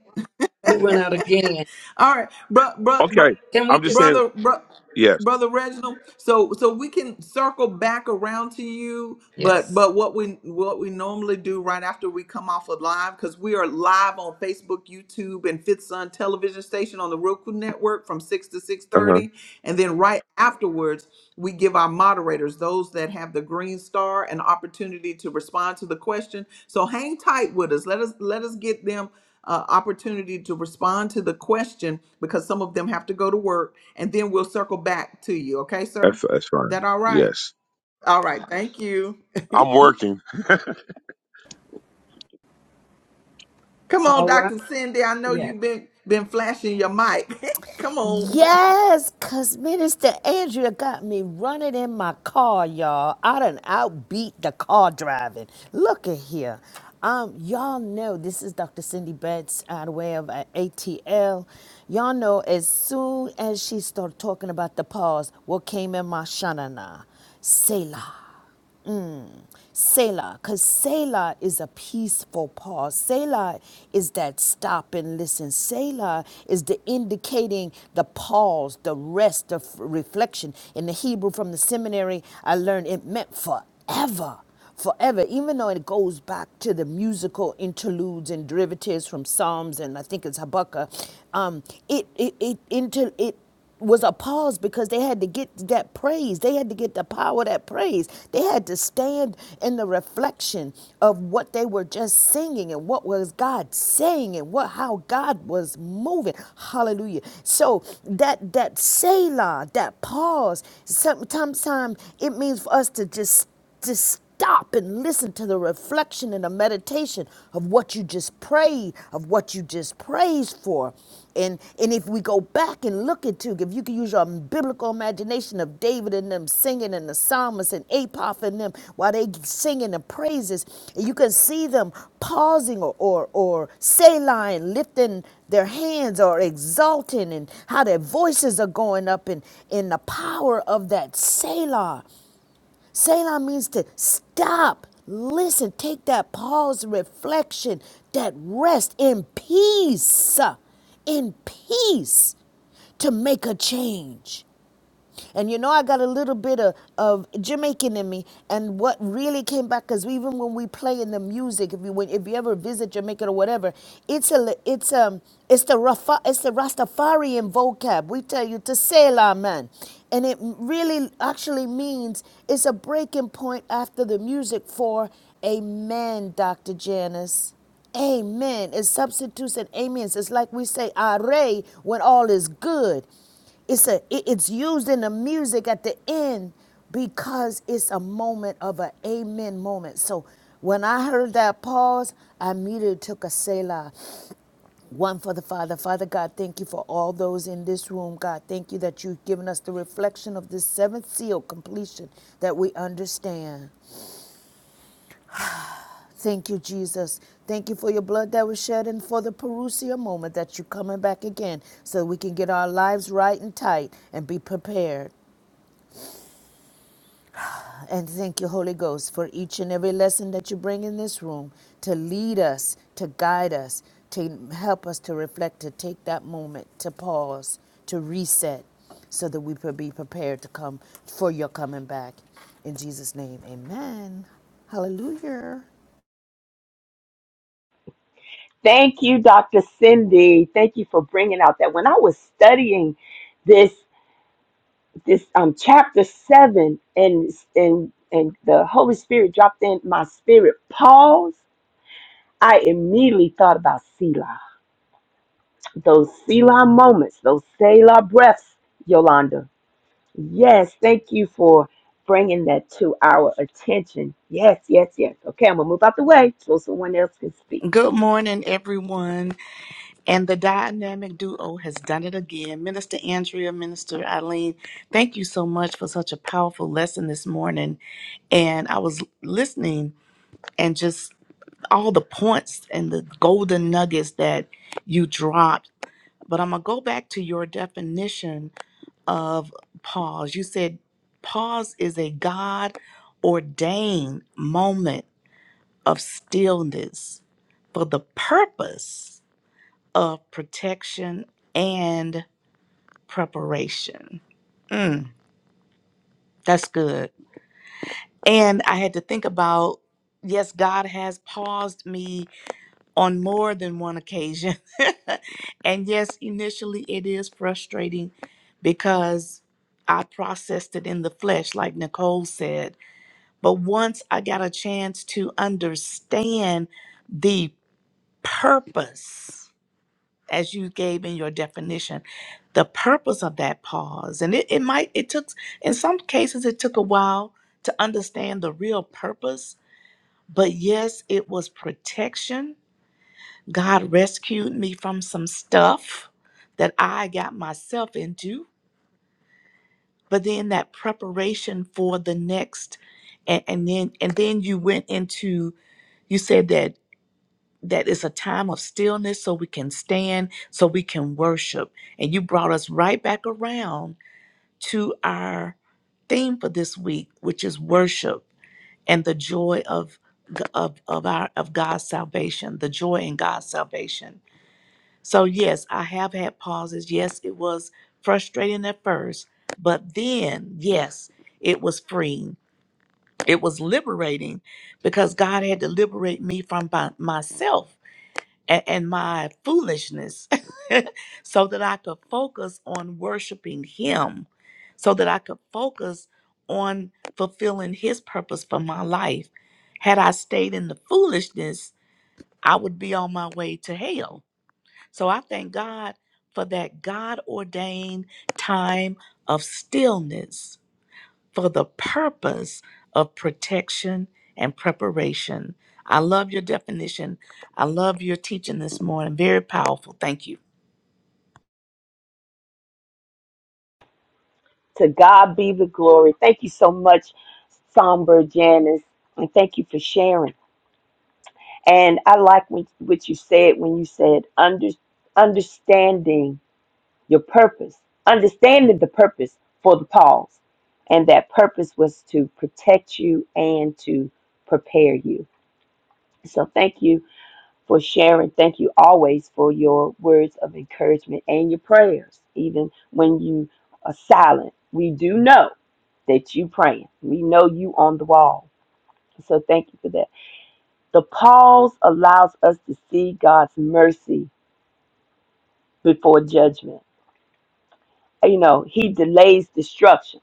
Speaker 2: You went out again.
Speaker 1: All right, bro, bro, bro,
Speaker 6: okay,
Speaker 2: Can we
Speaker 6: I'm just
Speaker 2: just?
Speaker 6: saying
Speaker 1: brother, bro,
Speaker 6: yes.
Speaker 1: brother Reginald. So, so we can circle back around to you, but
Speaker 2: Yes.
Speaker 1: but what we what we normally do right after we come off of live because we are live on Facebook, YouTube, and Fifth Sun Television Station on the Roku Network from six to six
Speaker 6: Uh huh.
Speaker 1: thirty, and then right afterwards we give our moderators those that have the green star an opportunity to respond to the question. So hang tight with us. Let us let us get them uh, opportunity to respond to the question because some of them have to go to work, and then we'll circle back to you. Okay, sir?
Speaker 6: That's that's fine.
Speaker 1: That all right?
Speaker 6: Yes,
Speaker 1: All right. Thank you.
Speaker 6: I'm working.
Speaker 1: Come on,
Speaker 2: All right.
Speaker 1: Doctor Cindy. I know
Speaker 2: Yes.
Speaker 1: you've been been flashing your mic. Come on.
Speaker 8: Yes, cause Minister Andrea got me running in my car, y'all. I done outbeat the car driving. Look at here. Um, y'all know this is Dr. Cindy Betts out of way of uh, ATL. Y'all know as soon as she started talking about the pause, what came in my shanana? Selah. Selah, because Selah is a peaceful pause. Selah is that stop and listen. Selah is the indicating the pause, the rest, the reflection. In the Hebrew from the seminary, I learned it meant forever forever, even though it goes back to the musical interludes and derivatives from Psalms and I think it's Habakkuk. Um, it it it inter, it was a pause because they had to get that praise. They had to get the power of that praise. They had to stand in the reflection of what they were just singing and what was God saying and what how God was moving. Hallelujah. So that that Selah, that pause, sometimes it means for us to just to stop and listen to the reflection and the meditation of what you just prayed, of what you just praised for. And and if we go back and look into, if you can use your biblical imagination of David and them singing and the psalmist and Apoph and them while they singing the praises, and you can see them pausing or or, or Selah and lifting their hands or exalting and how their voices are going up and in the power of that Selah. Selah means to stop, listen, take that pause, reflection, that rest in peace, in peace to make a change. And you know, I got a little bit of, of Jamaican in me. And what really came back, because even when we play in the music, if you when, if you ever visit Jamaica or whatever, it's a it's um it's the Rafa, it's the Rastafarian vocab. We tell you to say la man. And it really actually means it's a breaking point after the music for a man, Dr. Janice. Amen. It substitutes an amen. It's like we say are when all is good it's a it- it's used in the music at the end because it's a moment of an amen moment so when i heard that pause i immediately took a selah one for the father father god thank you for all those in this room god thank you that you've given us the reflection of this seventh seal completion that we understand Thank you, Jesus. Thank you for your blood that was shed and for the Perusia moment that you're coming back again so we can get our lives right and tight and be prepared. And thank you, Holy Ghost, for each and every lesson that you bring in this room to lead us, to guide us, to help us to reflect, to take that moment, to pause, to reset, so that we could be prepared to come for your coming back. In Jesus' name, amen. Hallelujah.
Speaker 3: Thank you, Dr. Cindy. Thank you for bringing out that. When I was studying this this um chapter seven, and and and the Holy Spirit dropped in my spirit. Pause. I immediately thought about Selah. Those Selah moments, those Selah breaths, Yolanda. Yes, thank you for bringing that to our attention. Yes, yes, yes. Okay, I'm gonna move out the way so someone else can speak.
Speaker 9: Good morning, everyone. And the dynamic duo has done it again. Minister Andrea, Minister Eileen, thank you so much for such a powerful lesson this morning. And I was listening and just all the points and the golden nuggets that you dropped. But I'm going to go back to your definition of pause. You said pause is a God ordained moment of stillness for the purpose of protection and preparation. Mm, that's good. And I had to think about yes, God has paused me on more than one occasion. and yes, initially it is frustrating because I processed it in the flesh, like Nicole said. But once I got a chance to understand the purpose as you gave in your definition the purpose of that pause and it, it might it took in some cases it took a while to understand the real purpose but yes it was protection god rescued me from some stuff that i got myself into but then that preparation for the next and, and then and then you went into you said that that it's a time of stillness so we can stand, so we can worship. And you brought us right back around to our theme for this week, which is worship and the joy of of, of our of God's salvation, the joy in God's salvation. So yes, I have had pauses. Yes, it was frustrating at first, but then yes, it was freeing. It was liberating because God had to liberate me from my, myself and, and my foolishness so that I could focus on worshiping Him, so that I could focus on fulfilling His purpose for my life. Had I stayed in the foolishness, I would be on my way to hell. So I thank God for that God ordained time of stillness for the purpose of protection and preparation. I love your definition. I love your teaching this morning. Very powerful. Thank you.
Speaker 3: To God be the glory. Thank you so much, Somber Janice, and thank you for sharing. And I like what, what you said when you said under, understanding your purpose, understanding the purpose for the pause. And that purpose was to protect you and to prepare you. So thank you for sharing. Thank you always for your words of encouragement and your prayers, even when you are silent. We do know that you praying. We know you on the wall. So thank you for that. The pause allows us to see God's mercy before judgment. You know, he delays destruction.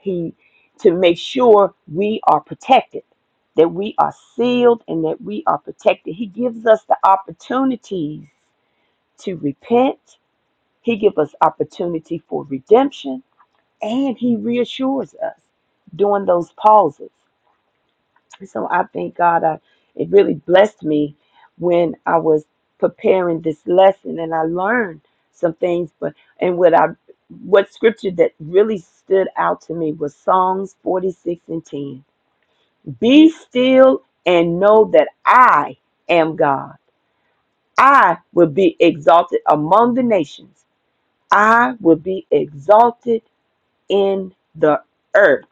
Speaker 3: He to make sure we are protected, that we are sealed and that we are protected. He gives us the opportunities to repent. He gives us opportunity for redemption and he reassures us during those pauses. So I thank God. I, it really blessed me when I was preparing this lesson, and I learned some things. But and what I what scripture that really stood out to me was Psalms 46 and 10. Be still and know that I am God. I will be exalted among the nations. I will be exalted in the earth.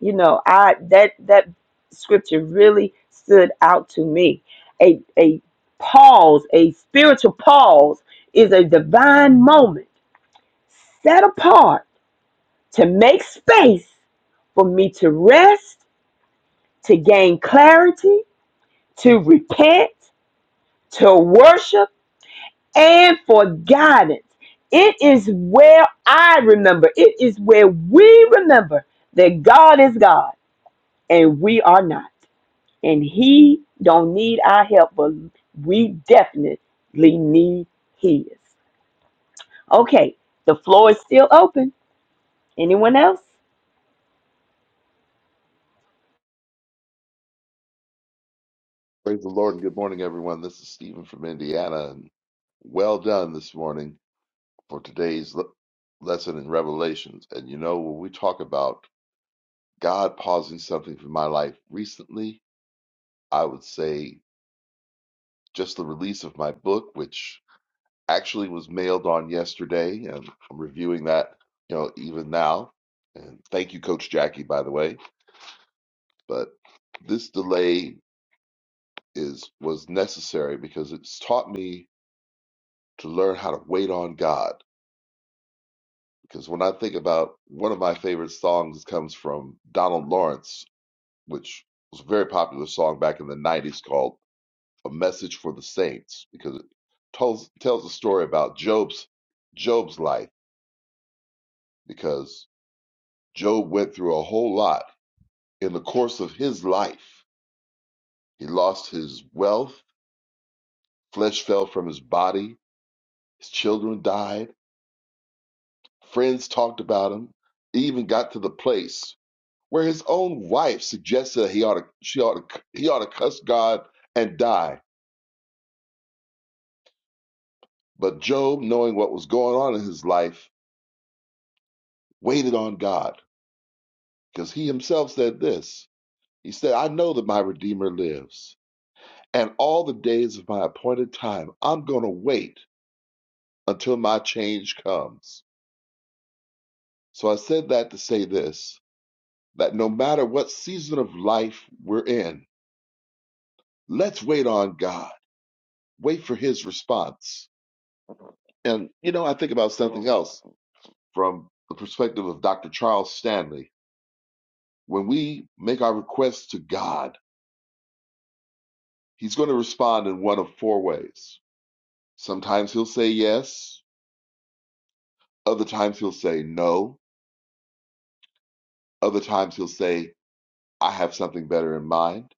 Speaker 3: You know, I that that scripture really stood out to me. A a pause, a spiritual pause is a divine moment set apart to make space for me to rest, to gain clarity, to repent, to worship, and for guidance. It is where I remember, it is where we remember that God is God and we are not. and he don't need our help, but we definitely need his. Okay, the floor is still open. Anyone else?
Speaker 10: Praise the Lord. and Good morning, everyone. This is Stephen from Indiana, and well done this morning for today's le- lesson in Revelations. And you know, when we talk about God pausing something for my life recently, I would say just the release of my book, which actually was mailed on yesterday, and I'm reviewing that, you know, even now. And thank you, Coach Jackie, by the way. But this delay is was necessary because it's taught me to learn how to wait on God Because when I think about one of my favorite songs comes from Donald Lawrence, which was a very popular song back in the 90s called A Message for the Saints, because it tells tells a story about Job's Job's life, because Job went through a whole lot in the course of his life. He lost his wealth, flesh fell from his body, his children died, friends talked about him, even got to the place where his own wife suggested that he ought to, she ought to, he ought to cuss God and die. But Job, knowing what was going on in his life, waited on God because he himself said this. He said, I know that my Redeemer lives, and all the days of my appointed time, I'm going to wait until my change comes. So I said that to say this that no matter what season of life we're in, let's wait on God, wait for his response. And, you know, I think about something else from the perspective of Dr. Charles Stanley, when we make our requests to God, He's going to respond in one of four ways. Sometimes He'll say yes, other times He'll say no, other times He'll say, I have something better in mind.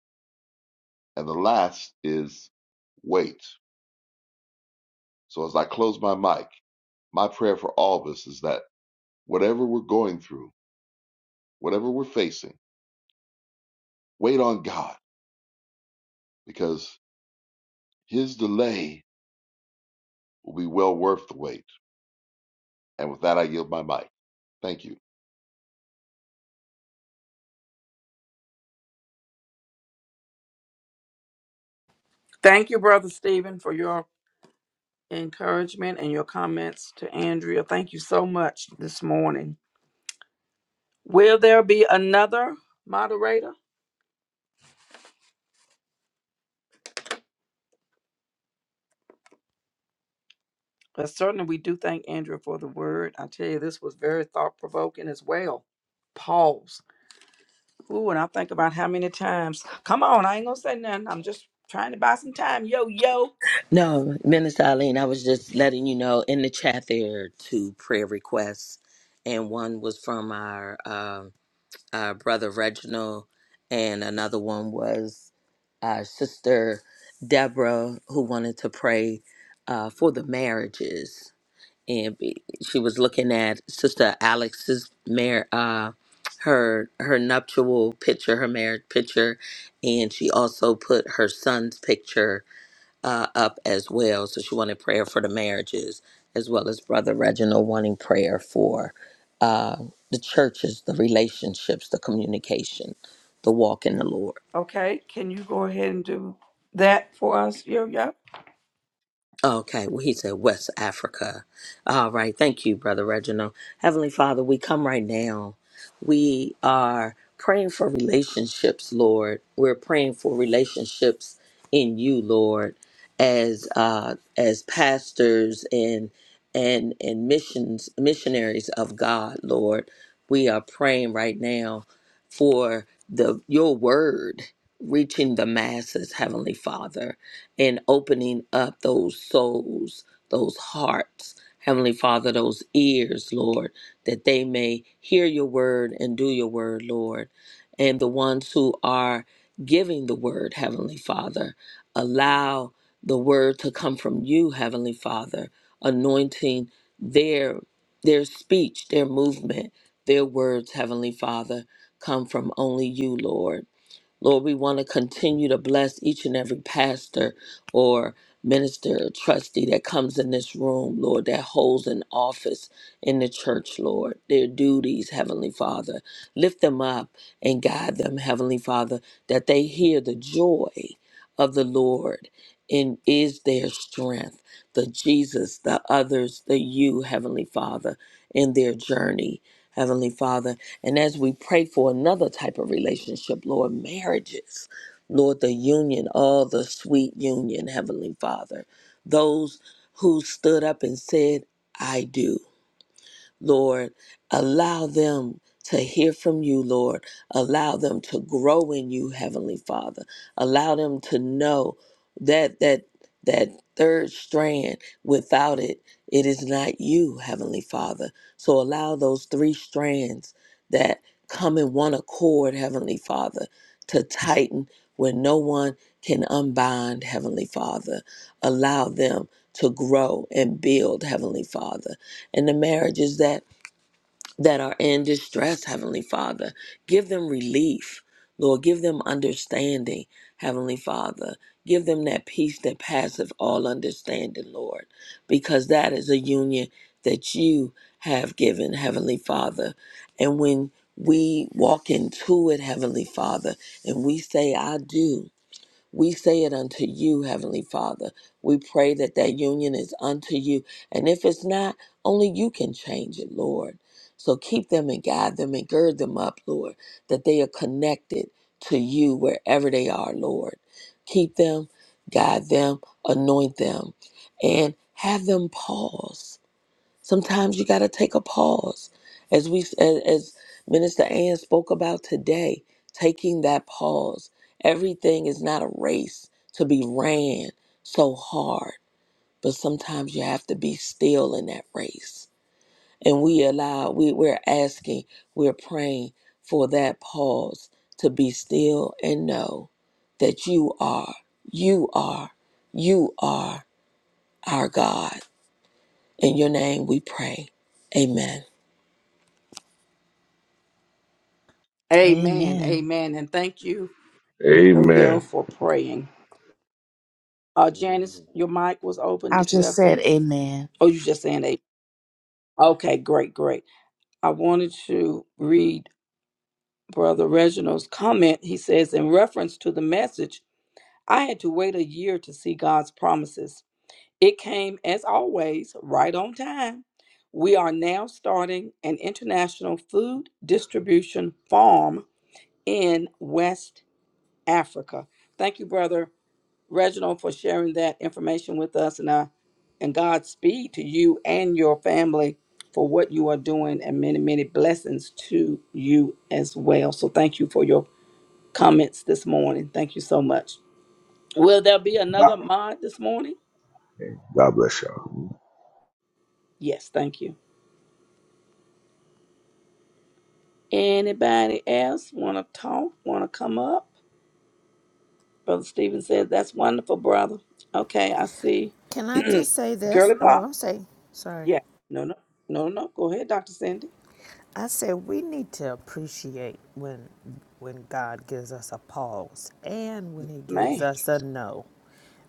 Speaker 10: And the last is wait. So as I close my mic, my prayer for all of us is that whatever we're going through, whatever we're facing, wait on God because His delay will be well worth the wait. And with that, I yield my mic. Thank you.
Speaker 2: Thank you, Brother Stephen, for your encouragement and your comments to Andrea. Thank you so much this morning. Will there be another moderator? But certainly, we do thank Andrea for the word. I tell you, this was very thought provoking as well. Pause. Ooh, and I think about how many times. Come on, I ain't gonna say nothing. I'm just trying to buy some time. Yo, yo.
Speaker 5: no, Minister Eileen, I was just letting you know in the chat there are two prayer requests, and one was from our um, our brother Reginald, and another one was our sister Deborah who wanted to pray uh, for the marriages and be- she was looking at Sister Alex's mar- uh, her her nuptial picture, her marriage picture, and she also put her son's picture uh, up as well. So she wanted prayer for the marriages, as well as Brother Reginald wanting prayer for uh, the churches, the relationships, the communication, the walk in the Lord.
Speaker 2: Okay, can you go ahead and do that for us, Yo Yo?
Speaker 5: Okay, well, he said West Africa. All right, thank you, Brother Reginald. Heavenly Father, we come right now. We are praying for relationships, Lord. We're praying for relationships in you, Lord, as uh, as pastors and and and missions missionaries of God, Lord. We are praying right now for the your word reaching the masses, Heavenly Father and opening up those souls, those hearts, Heavenly Father, those ears, Lord, that they may hear your word and do your word, Lord. And the ones who are giving the word, Heavenly Father, allow the word to come from you, Heavenly Father, anointing their their speech, their movement, their words, Heavenly Father, come from only you, Lord. Lord, we want to continue to bless each and every pastor or minister or trustee that comes in this room, Lord, that holds an office in the church, Lord. Their duties, Heavenly Father. Lift them up and guide them, Heavenly Father, that they hear the joy of the Lord and is their strength. The Jesus, the others, the you, Heavenly Father, in their journey. Heavenly Father, and as we pray for another type of relationship, Lord, marriages, Lord, the union, all the sweet union, Heavenly Father, those who stood up and said, I do. Lord. Allow them to hear from you, Lord. Allow them to grow in you, Heavenly Father. Allow them to know that that that third strand without it it is not you heavenly father so allow those three strands that come in one accord heavenly father to tighten where no one can unbind heavenly father allow them to grow and build heavenly father and the marriages that that are in distress heavenly father give them relief lord give them understanding heavenly father give them that peace that passeth all understanding lord because that is a union that you have given heavenly father and when we walk into it heavenly father and we say i do we say it unto you, Heavenly Father. We pray that that union is unto you. And if it's not, only you can change it, Lord. So keep them and guide them and gird them up, Lord, that they are connected to you wherever they are, Lord. Keep them, guide them, anoint them, and have them pause Sometimes you got to take a pause. As we as, as Minister Ann spoke about today, taking that pause. Everything is not a race to be ran so hard, but sometimes you have to be still in that race. And we allow we we're asking, we're praying for that pause to be still and know that you are, you are, you are our God. In your name we pray. Amen.
Speaker 2: Amen.
Speaker 9: Amen.
Speaker 2: Amen. And thank you, Yo Yo,
Speaker 6: Amen.
Speaker 2: for praying. Uh, Janice,
Speaker 10: Ooh.
Speaker 2: your mic was open.
Speaker 9: I
Speaker 2: Did you
Speaker 9: just
Speaker 2: have
Speaker 9: said
Speaker 2: something?
Speaker 9: amen.
Speaker 2: Oh, you just saying a. Okay, great, great. I wanted to read Brother Reginald's comment. He says, in reference to the message, I had to wait a year to see God's promises. It came, as always, right on time. We are now starting an international food distribution farm in West Africa. Thank you, Brother Reginald, for sharing that information with us. And, I, and Godspeed to you and your family for what you are doing, and many, many blessings to you as well. So, thank you for your comments this morning. Thank you so much. Will there be another mod this morning?
Speaker 6: God bless you.
Speaker 2: Yes, thank you. Anybody else want to talk? Want to come up? Brother Stephen said, That's wonderful, brother. Okay, I see.
Speaker 8: Can I just say this?
Speaker 2: Girly
Speaker 8: Oh,
Speaker 2: Pop.
Speaker 8: I'm saying, sorry.
Speaker 2: Yes. No, no, no, no. Go ahead, Dr. Cindy.
Speaker 8: I said we need to appreciate when when God gives us a pause and when he gives
Speaker 2: Man.
Speaker 8: us a no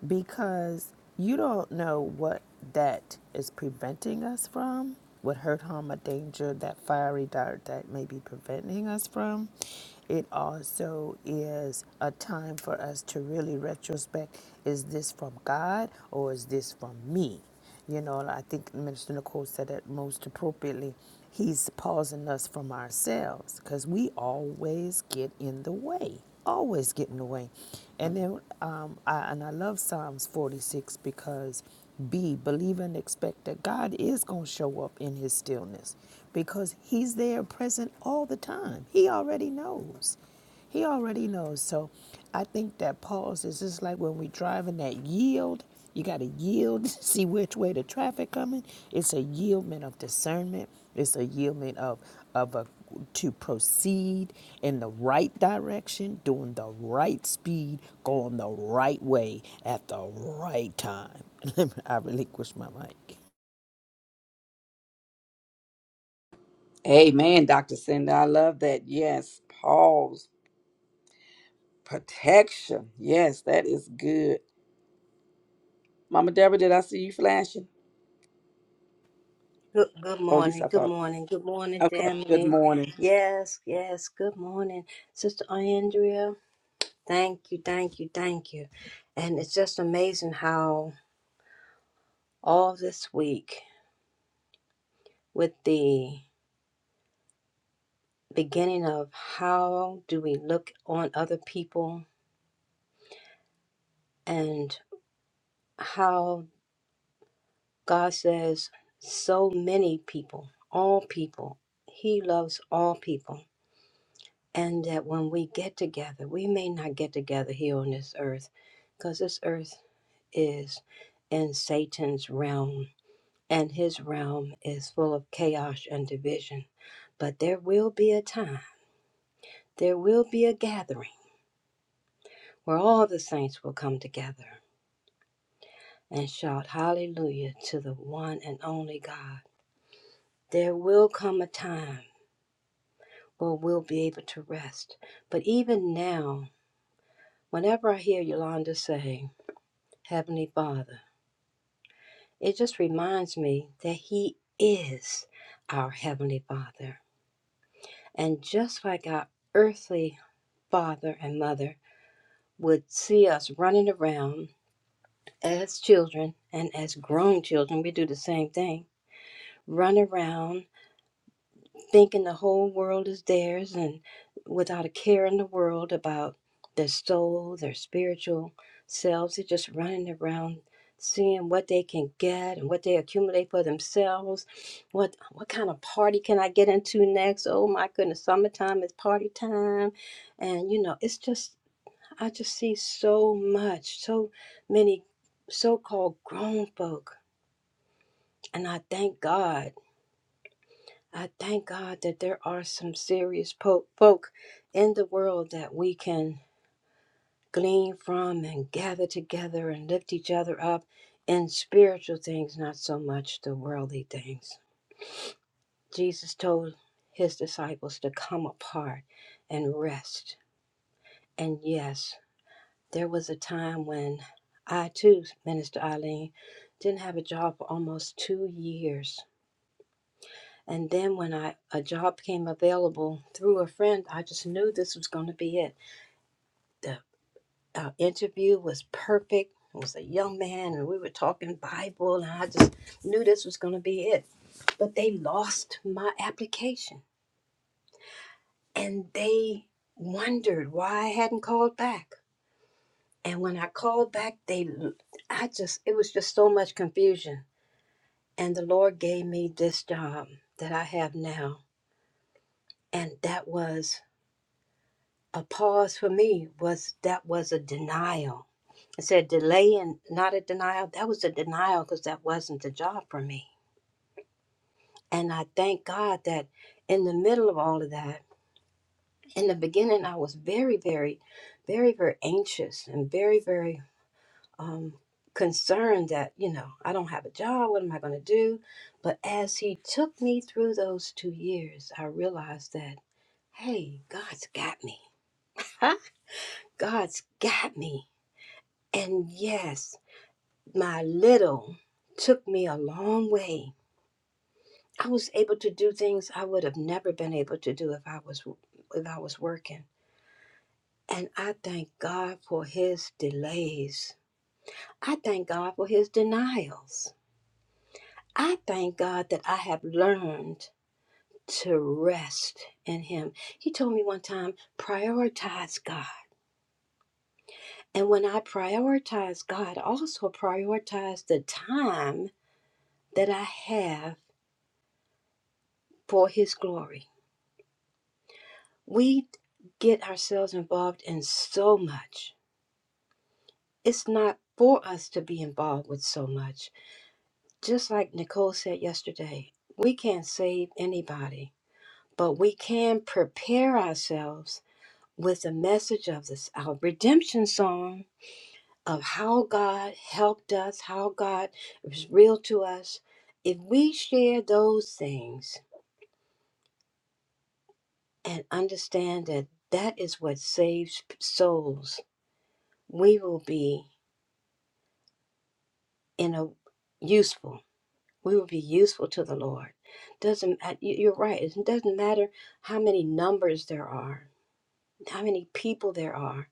Speaker 8: because you don't know what that is preventing us from, what hurt, harm, or danger that fiery dart that may be preventing us from. It also is a time for us to really retrospect is this from God or is this from me? You know, and I think Minister Nicole said it most appropriately. He's pausing us from ourselves because we always get in the way, always get in the way. And then, um, I, and I love Psalms 46 because B, believe and expect that God is going to show up in his stillness because he's there present all the time. He already knows. He already knows. So I think that pause is just like when we are driving that yield. You got to yield, see which way the traffic coming. It's a yieldment of discernment. It's a yieldment of of a to proceed in the right direction, doing the right speed, going the right way at the right time. I relinquish my mic.
Speaker 2: Amen, Dr. Cindy. I love that. Yes. Paul's Protection. Yes, that is good. Mama Deborah, did I see you flashing?
Speaker 7: Good, good
Speaker 2: Oh, at least
Speaker 7: morning,
Speaker 2: I
Speaker 7: good
Speaker 2: thought.
Speaker 7: morning, good morning,
Speaker 2: Okay. Good
Speaker 7: family.
Speaker 2: morning.
Speaker 7: Yes, yes, good morning, Sister Andrea. Thank you, thank you, thank you. And it's just amazing how all this week, with the beginning of how do we look on other people and how God says, so many people, all people, He loves all people and that when we get together, we may not get together here on this earth because this earth is in Satan's realm, and his realm is full of chaos and division. But there will be a time, there will be a gathering where all the saints will come together and shout hallelujah to the one and only God. There will come a time where we'll be able to rest. But even now, whenever I hear Yolanda say, Heavenly Father, It just reminds me that He is our Heavenly Father. And just like our earthly father and mother would see us running around as children and as grown children, we do the same thing run around thinking the whole world is theirs and without a care in the world about their soul, their spiritual selves. They're just running around seeing what they can get and what they accumulate for themselves. What what kind of party can I get into next? Oh my goodness, summertime is party time. And you know, it's just I just see so much, so many so-called grown folk. And I thank God I thank God that there are some serious po- folk in the world that we can glean from and gather together and lift each other up in spiritual things, not so much the worldly things. Jesus told his disciples to come apart and rest. And yes, there was a time when I too, Minister Eileen, didn't have a job for almost two years And then when I a job came available through a friend, I just knew this was going to be it. The uh, interview was perfect. It was a young man, and we were talking Bible, and I just knew this was going to be it. But they lost my application, and they wondered why I hadn't called back. And when I called back, they, I just, it was just so much confusion. And the Lord gave me this job that I have now, and that was a pause for me was that was a denial. I said delay and not a denial. That was a denial because that wasn't the job for me. And I thank God that in the middle of all of that, in the beginning, I was very, very, very, very anxious and very, very um, concerned that, you know, I don't have a job. What am I going to do? But as He took me through those two years, I realized that, hey, God's got me. Huh? God's got me. And yes, My little took me a long way. I was able to do things I would have never been able to do if I was if I was working. And I thank God for his delays. I thank God for his denials. I thank God that I have learned to rest in him. He told me one time, prioritize God. And when I prioritize God, I also prioritize the time that I have for his glory. We get ourselves involved in so much. It's not for us to be involved with so much. Just like Nicole said yesterday, we can't save anybody, but we can prepare ourselves with the message of this our redemption song of how God helped us, how God was real to us. If we share those things and understand that that is what saves souls, we will be in a useful. We will be useful to the Lord. Doesn't uh, you- you're right. It doesn't matter how many numbers there are, how many people there are.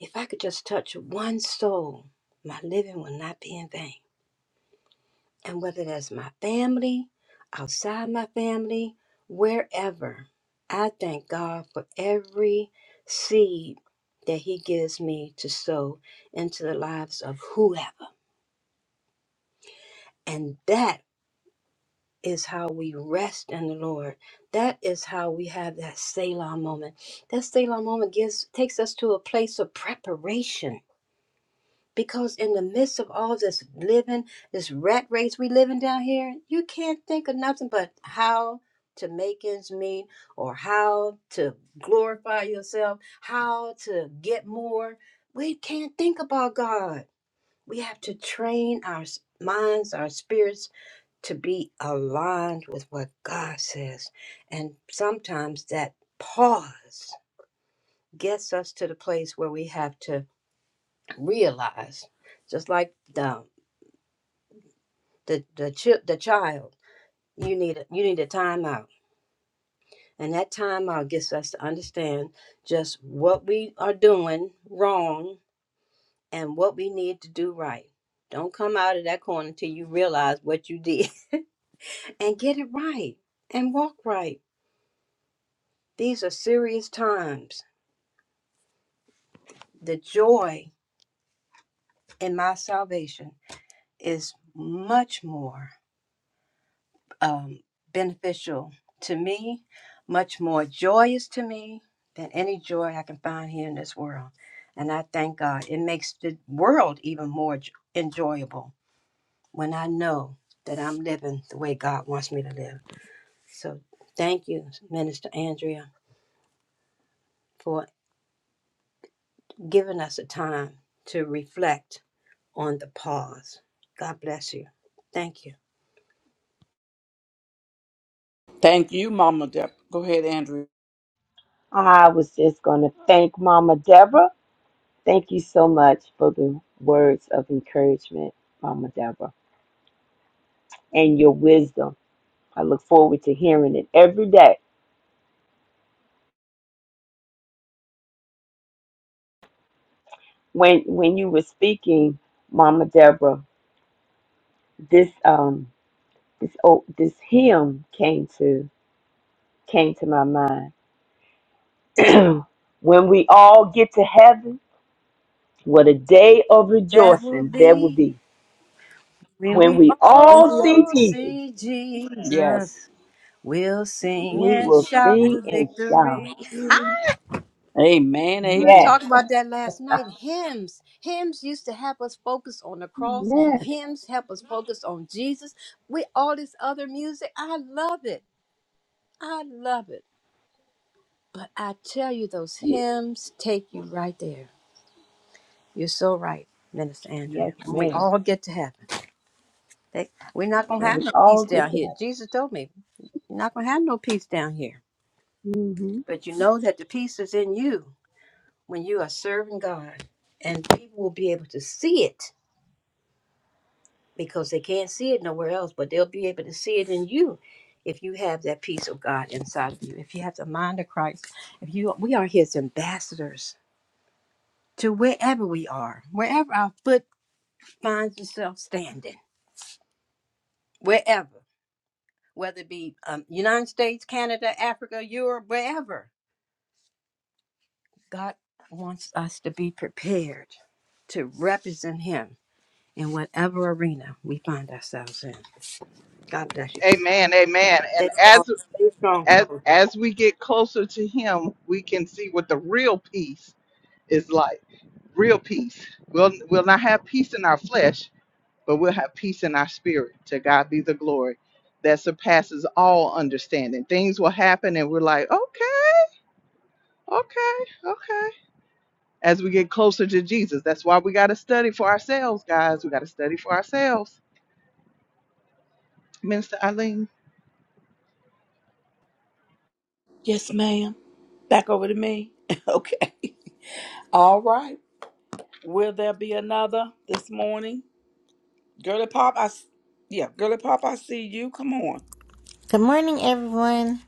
Speaker 7: If I could just touch one soul, my living will not be in vain. And whether that's my family, outside my family, wherever, I thank God for every seed that He gives me to sow into the lives of whoever. And that is how we rest in the Lord. That is how we have that Selah moment. That Selah moment gives takes us to a place of preparation. Because in the midst of all this living, this rat race we living down here, you can't think of nothing but how to make ends meet or how to glorify yourself, how to get more. We can't think about God. We have to train our s- minds, our spirits to be aligned with what God says. And sometimes that pause gets us to the place where we have to realize, just like the the the, chi- the child, you need a, you need a timeout. And that timeout gets us to understand just what we are doing wrong and what we need to do right. Don't come out of that corner till you realize what you did and get it right and walk right. These are serious times the joy in my salvation is much more um, beneficial to me, much more joyous to me than any joy I can find here in this world. And I thank God. It makes the world even more j- enjoyable when I know that I'm living the way God wants me to live. So thank you, Minister Andrea, for giving us a time to reflect on the pause. God bless you. Thank you.
Speaker 2: Thank you, Mama Deborah. Go ahead, Andrew.
Speaker 3: I was just gonna thank Mama Deborah. Thank you so much for the words of encouragement, Mama Deborah, and your wisdom. I look forward to hearing it every day. When when you were speaking, Mama Deborah, this um this oh, this hymn came to came to my mind when we all get to heaven, what a day of
Speaker 7: That will
Speaker 3: rejoicing there will
Speaker 7: be
Speaker 3: be.
Speaker 7: when
Speaker 3: When
Speaker 7: we
Speaker 3: we all
Speaker 2: Wendy, oh,
Speaker 3: see
Speaker 7: all
Speaker 3: Jesus,
Speaker 7: see
Speaker 2: Yes.
Speaker 7: Jesus. We'll sing
Speaker 3: we
Speaker 7: and
Speaker 3: will
Speaker 7: shout
Speaker 3: sing
Speaker 7: the
Speaker 3: and shout.
Speaker 7: victory.
Speaker 2: Amen.
Speaker 7: We were
Speaker 3: Yes,
Speaker 2: Amen.
Speaker 7: talking about that last night. Hymns. Hymns used to help us focus on the cross.
Speaker 3: yes,
Speaker 7: Hymns help us focus on Jesus. We all this other music. I love it. I love it. But I tell you, those
Speaker 3: yes,
Speaker 7: hymns take you right there. You're so right, Minister
Speaker 3: yes,
Speaker 7: Andrea. When we
Speaker 3: ma'am.
Speaker 7: all get to heaven, they, we're not gonna
Speaker 3: When
Speaker 7: have
Speaker 3: we
Speaker 7: no peace
Speaker 3: all
Speaker 7: down
Speaker 3: get to
Speaker 7: here.
Speaker 3: heaven.
Speaker 7: Jesus told me. You're not going to have no peace down here.
Speaker 3: hmm
Speaker 7: But you know that the peace is in you when you are serving God. And people will be able to see it because they can't see it nowhere else, but they'll be able to see it in you if you have that peace of God inside of you. If you have the mind of Christ, if you we are his ambassadors to wherever we are, wherever our foot finds itself standing, wherever, whether it be um, United States, Canada, Africa, Europe, wherever God wants us to be prepared to represent Him in whatever arena we find ourselves in. God bless you.
Speaker 1: Amen, amen.
Speaker 7: Stay
Speaker 1: And
Speaker 7: strong,
Speaker 1: as
Speaker 7: stay strong,
Speaker 1: as
Speaker 7: soldiers.
Speaker 1: as we get closer to him, we can see what the real peace is like. Real peace. We'll we'll not have peace in our flesh, but we'll have peace in our spirit. To God be the glory that surpasses all understanding. Things will happen and we're like, okay, okay, okay. As we get closer to Jesus, that's why we got to study for ourselves, guys. We got to study for ourselves. Minister Eileen.
Speaker 2: Yes, ma'am. Back over to me. okay. All right. Will there be another this morning? Girly Pop, I s- yeah, Girly Pop, I see you. Come on.
Speaker 11: Good morning, everyone.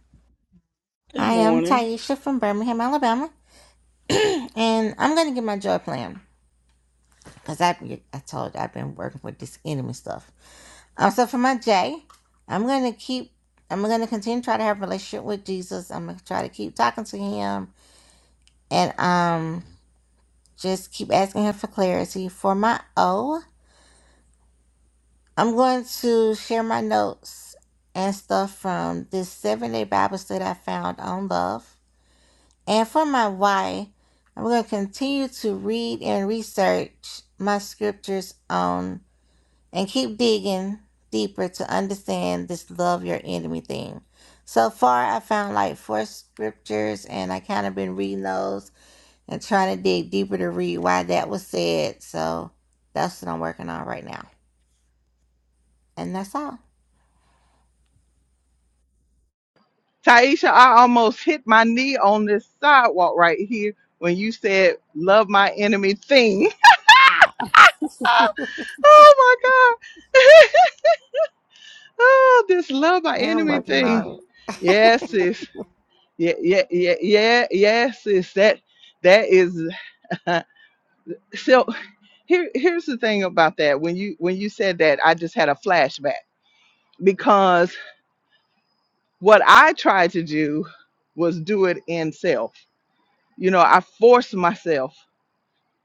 Speaker 2: Good
Speaker 11: I am
Speaker 2: morning.
Speaker 11: Taisha from Birmingham, Alabama, and I'm going to get my joy plan because I, I told you I've been working with this enemy stuff. Um, so for my J, I'm going to keep, I'm going to continue to try to have a relationship with Jesus. I'm going to try to keep talking to him and um just keep asking him for clarity. For my O, I'm going to share my notes and stuff from this seven day Bible study I found on love. And for my why, I'm going to continue to read and research my scriptures on and keep digging deeper to understand this love your enemy thing. So far, I found like four scriptures and I kind of been reading those and trying to dig deeper to read why that was said. So that's what I'm working on right now. And that's all.
Speaker 1: Taisha, I almost hit my knee on this sidewalk right here when you said, love my enemy thing. oh my God. oh, this love my
Speaker 11: And I'm
Speaker 1: enemy
Speaker 11: working
Speaker 1: thing.
Speaker 11: on it.
Speaker 1: Yes, sis. yeah, yeah, yeah, yeah, yes, is that that is so here here's the thing about that. When you when you said that, I just had a flashback because what I tried to do was do it in self. You know, I forced myself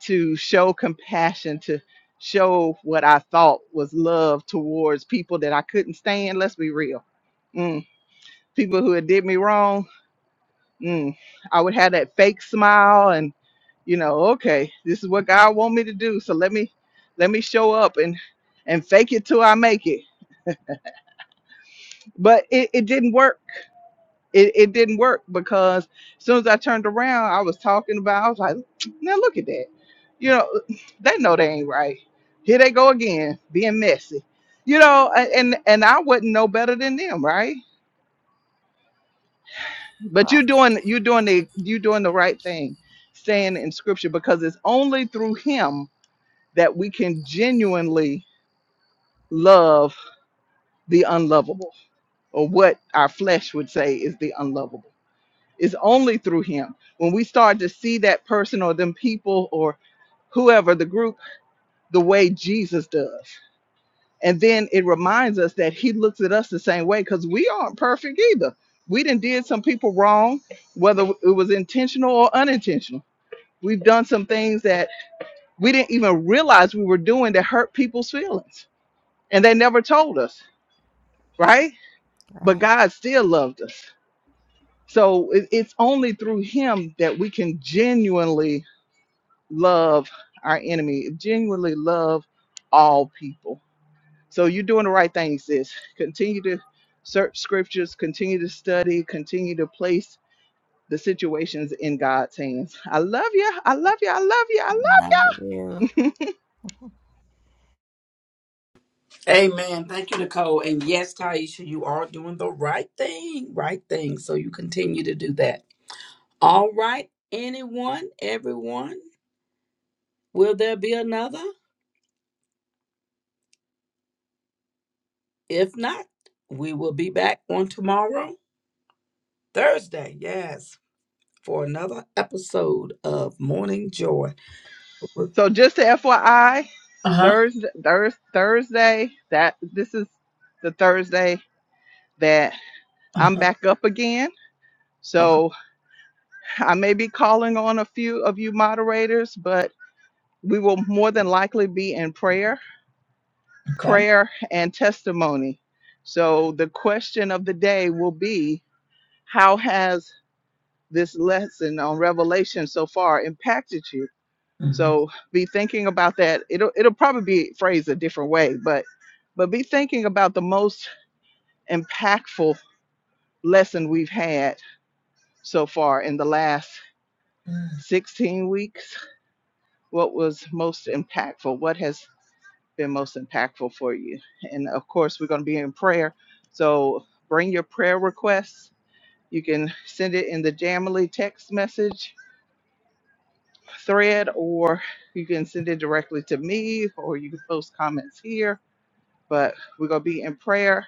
Speaker 1: to show compassion, to show what I thought was love towards people that I couldn't stand. Let's be real. Mm, people who had did me wrong mm, I would have that fake smile and you know, okay, this is what God want me to do. So let me let me show up and and fake it till I make it. But it, it didn't work. It, it didn't work because as soon as I turned around, I was talking about I was like, now look at that. You know, they know they ain't right. Here they go again, being messy. You know, a- and and I wouldn't know better than them, right? But you're
Speaker 11: right,
Speaker 1: doing you're doing the you're doing the right thing, staying in scripture because it's only through him that we can genuinely love the unlovable, or what our flesh would say is the unlovable. It's only through him. When we start to see that person or them people or whoever the group the way Jesus does. And then it reminds us that he looks at us the same way because we aren't perfect either. We done did some people wrong, whether it was intentional or unintentional We've done some things that we didn't even realize we were doing that hurt people's feelings. And they never told us, right? But
Speaker 11: right.
Speaker 1: God still loved us. So it- it's only through Him that we can genuinely love our enemy, genuinely love all people. So you're doing the right thing, sis. Continue to search scriptures, continue to study, continue to place the situations in God's hands. I love you. I love you. I love you. I
Speaker 11: Love
Speaker 1: love
Speaker 11: you.
Speaker 1: you.
Speaker 2: Amen. Thank you, Nicole. And yes, Taisha, you are doing the right thing, right thing. So you continue to do that. All right. Anyone, everyone, will there be another? If not, we will be back on tomorrow, Thursday. Yes, for another episode of Morning Joy. Uh
Speaker 1: So just to FYI,
Speaker 2: huh.
Speaker 1: Thursday, Thursday, Thursday, that this is the Thursday that
Speaker 2: Uh
Speaker 1: I'm
Speaker 2: huh.
Speaker 1: back up again.
Speaker 2: Okay.
Speaker 1: So I may be calling on a few of you moderators, but we will more than likely be in prayer,
Speaker 2: Okay.
Speaker 1: prayer and testimony. So the question of the day will be, how has this lesson on Revelation so far impacted you?
Speaker 2: Mhm.
Speaker 1: So be thinking about that. It'll it'll probably be phrased a different way, but but be thinking about the most impactful lesson we've had so far in the last
Speaker 2: Mm.
Speaker 1: 16 weeks. What was most impactful? What has been most impactful for you? And of course, we're going to be in prayer. So bring your prayer requests. You can send it in the Jamily text message thread, or you can send it directly to me, or you can post comments here but we're gonna be in prayer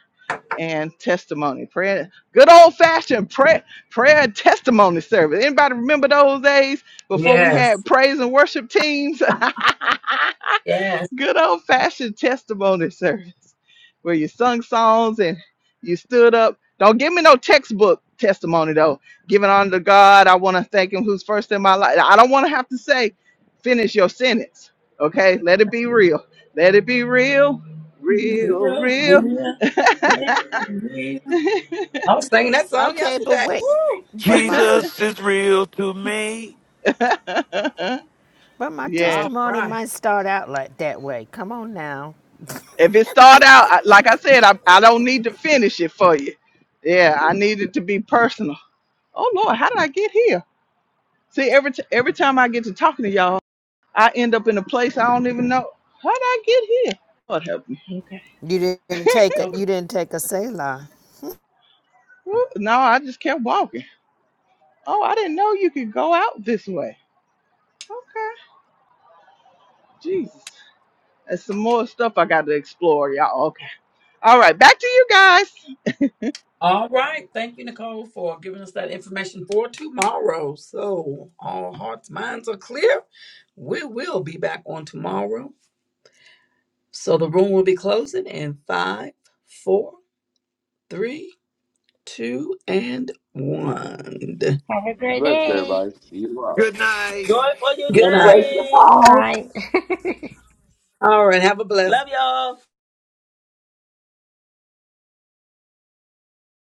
Speaker 1: and testimony. Prayer, good old fashioned prayer, prayer and testimony service. Anybody remember those days before we had
Speaker 2: Yes.
Speaker 1: praise and worship teams? Good old fashioned testimony service where you sung songs and you stood up. Don't give me no textbook testimony though. Giving honor to God, I want to thank Him who's first in my life. I don't want to have to say, finish your sentence. Okay, let it be real. Let it be real, real,
Speaker 2: Real,
Speaker 1: real.
Speaker 2: real, real. I was singing that song
Speaker 8: Okay, but
Speaker 2: yesterday.
Speaker 8: wait,
Speaker 2: Woo!
Speaker 8: but my
Speaker 4: jesus is real to me
Speaker 8: but my
Speaker 1: yeah.
Speaker 2: All
Speaker 8: testimony
Speaker 2: right.
Speaker 8: might start out like that way. Come on now.
Speaker 1: If it start out I- like I said, I, I don't need to finish it for you. Yeah, I need it to be personal. Oh Lord, how did I get here? See, every t- every time I get to talking to y'all, I end up in a place I don't even know how would I get here. Lord help me. Okay.
Speaker 8: You didn't
Speaker 2: Focus,
Speaker 8: take it.
Speaker 2: focus.
Speaker 8: you didn't take a Selah.
Speaker 1: Woo, No, I just kept walking. Oh, I didn't know you could go out this way. Okay. Jesus. There's some more stuff I got to explore, y'all. Okay. All right, back to you guys.
Speaker 2: All right. Thank you, Nicole, for giving us that information for tomorrow. So, all hearts, minds are clear. We will be back on tomorrow. So, the room will be closing in five, four, three, two, and one.
Speaker 11: Have a great
Speaker 10: Bless
Speaker 11: day.
Speaker 10: everybody. See you tomorrow.
Speaker 4: good night
Speaker 5: Joy for your
Speaker 2: Good night.
Speaker 3: Embrace your
Speaker 5: journey.
Speaker 11: Good
Speaker 3: pause.
Speaker 11: night.
Speaker 2: All right. Have a blessed
Speaker 5: Love y'all.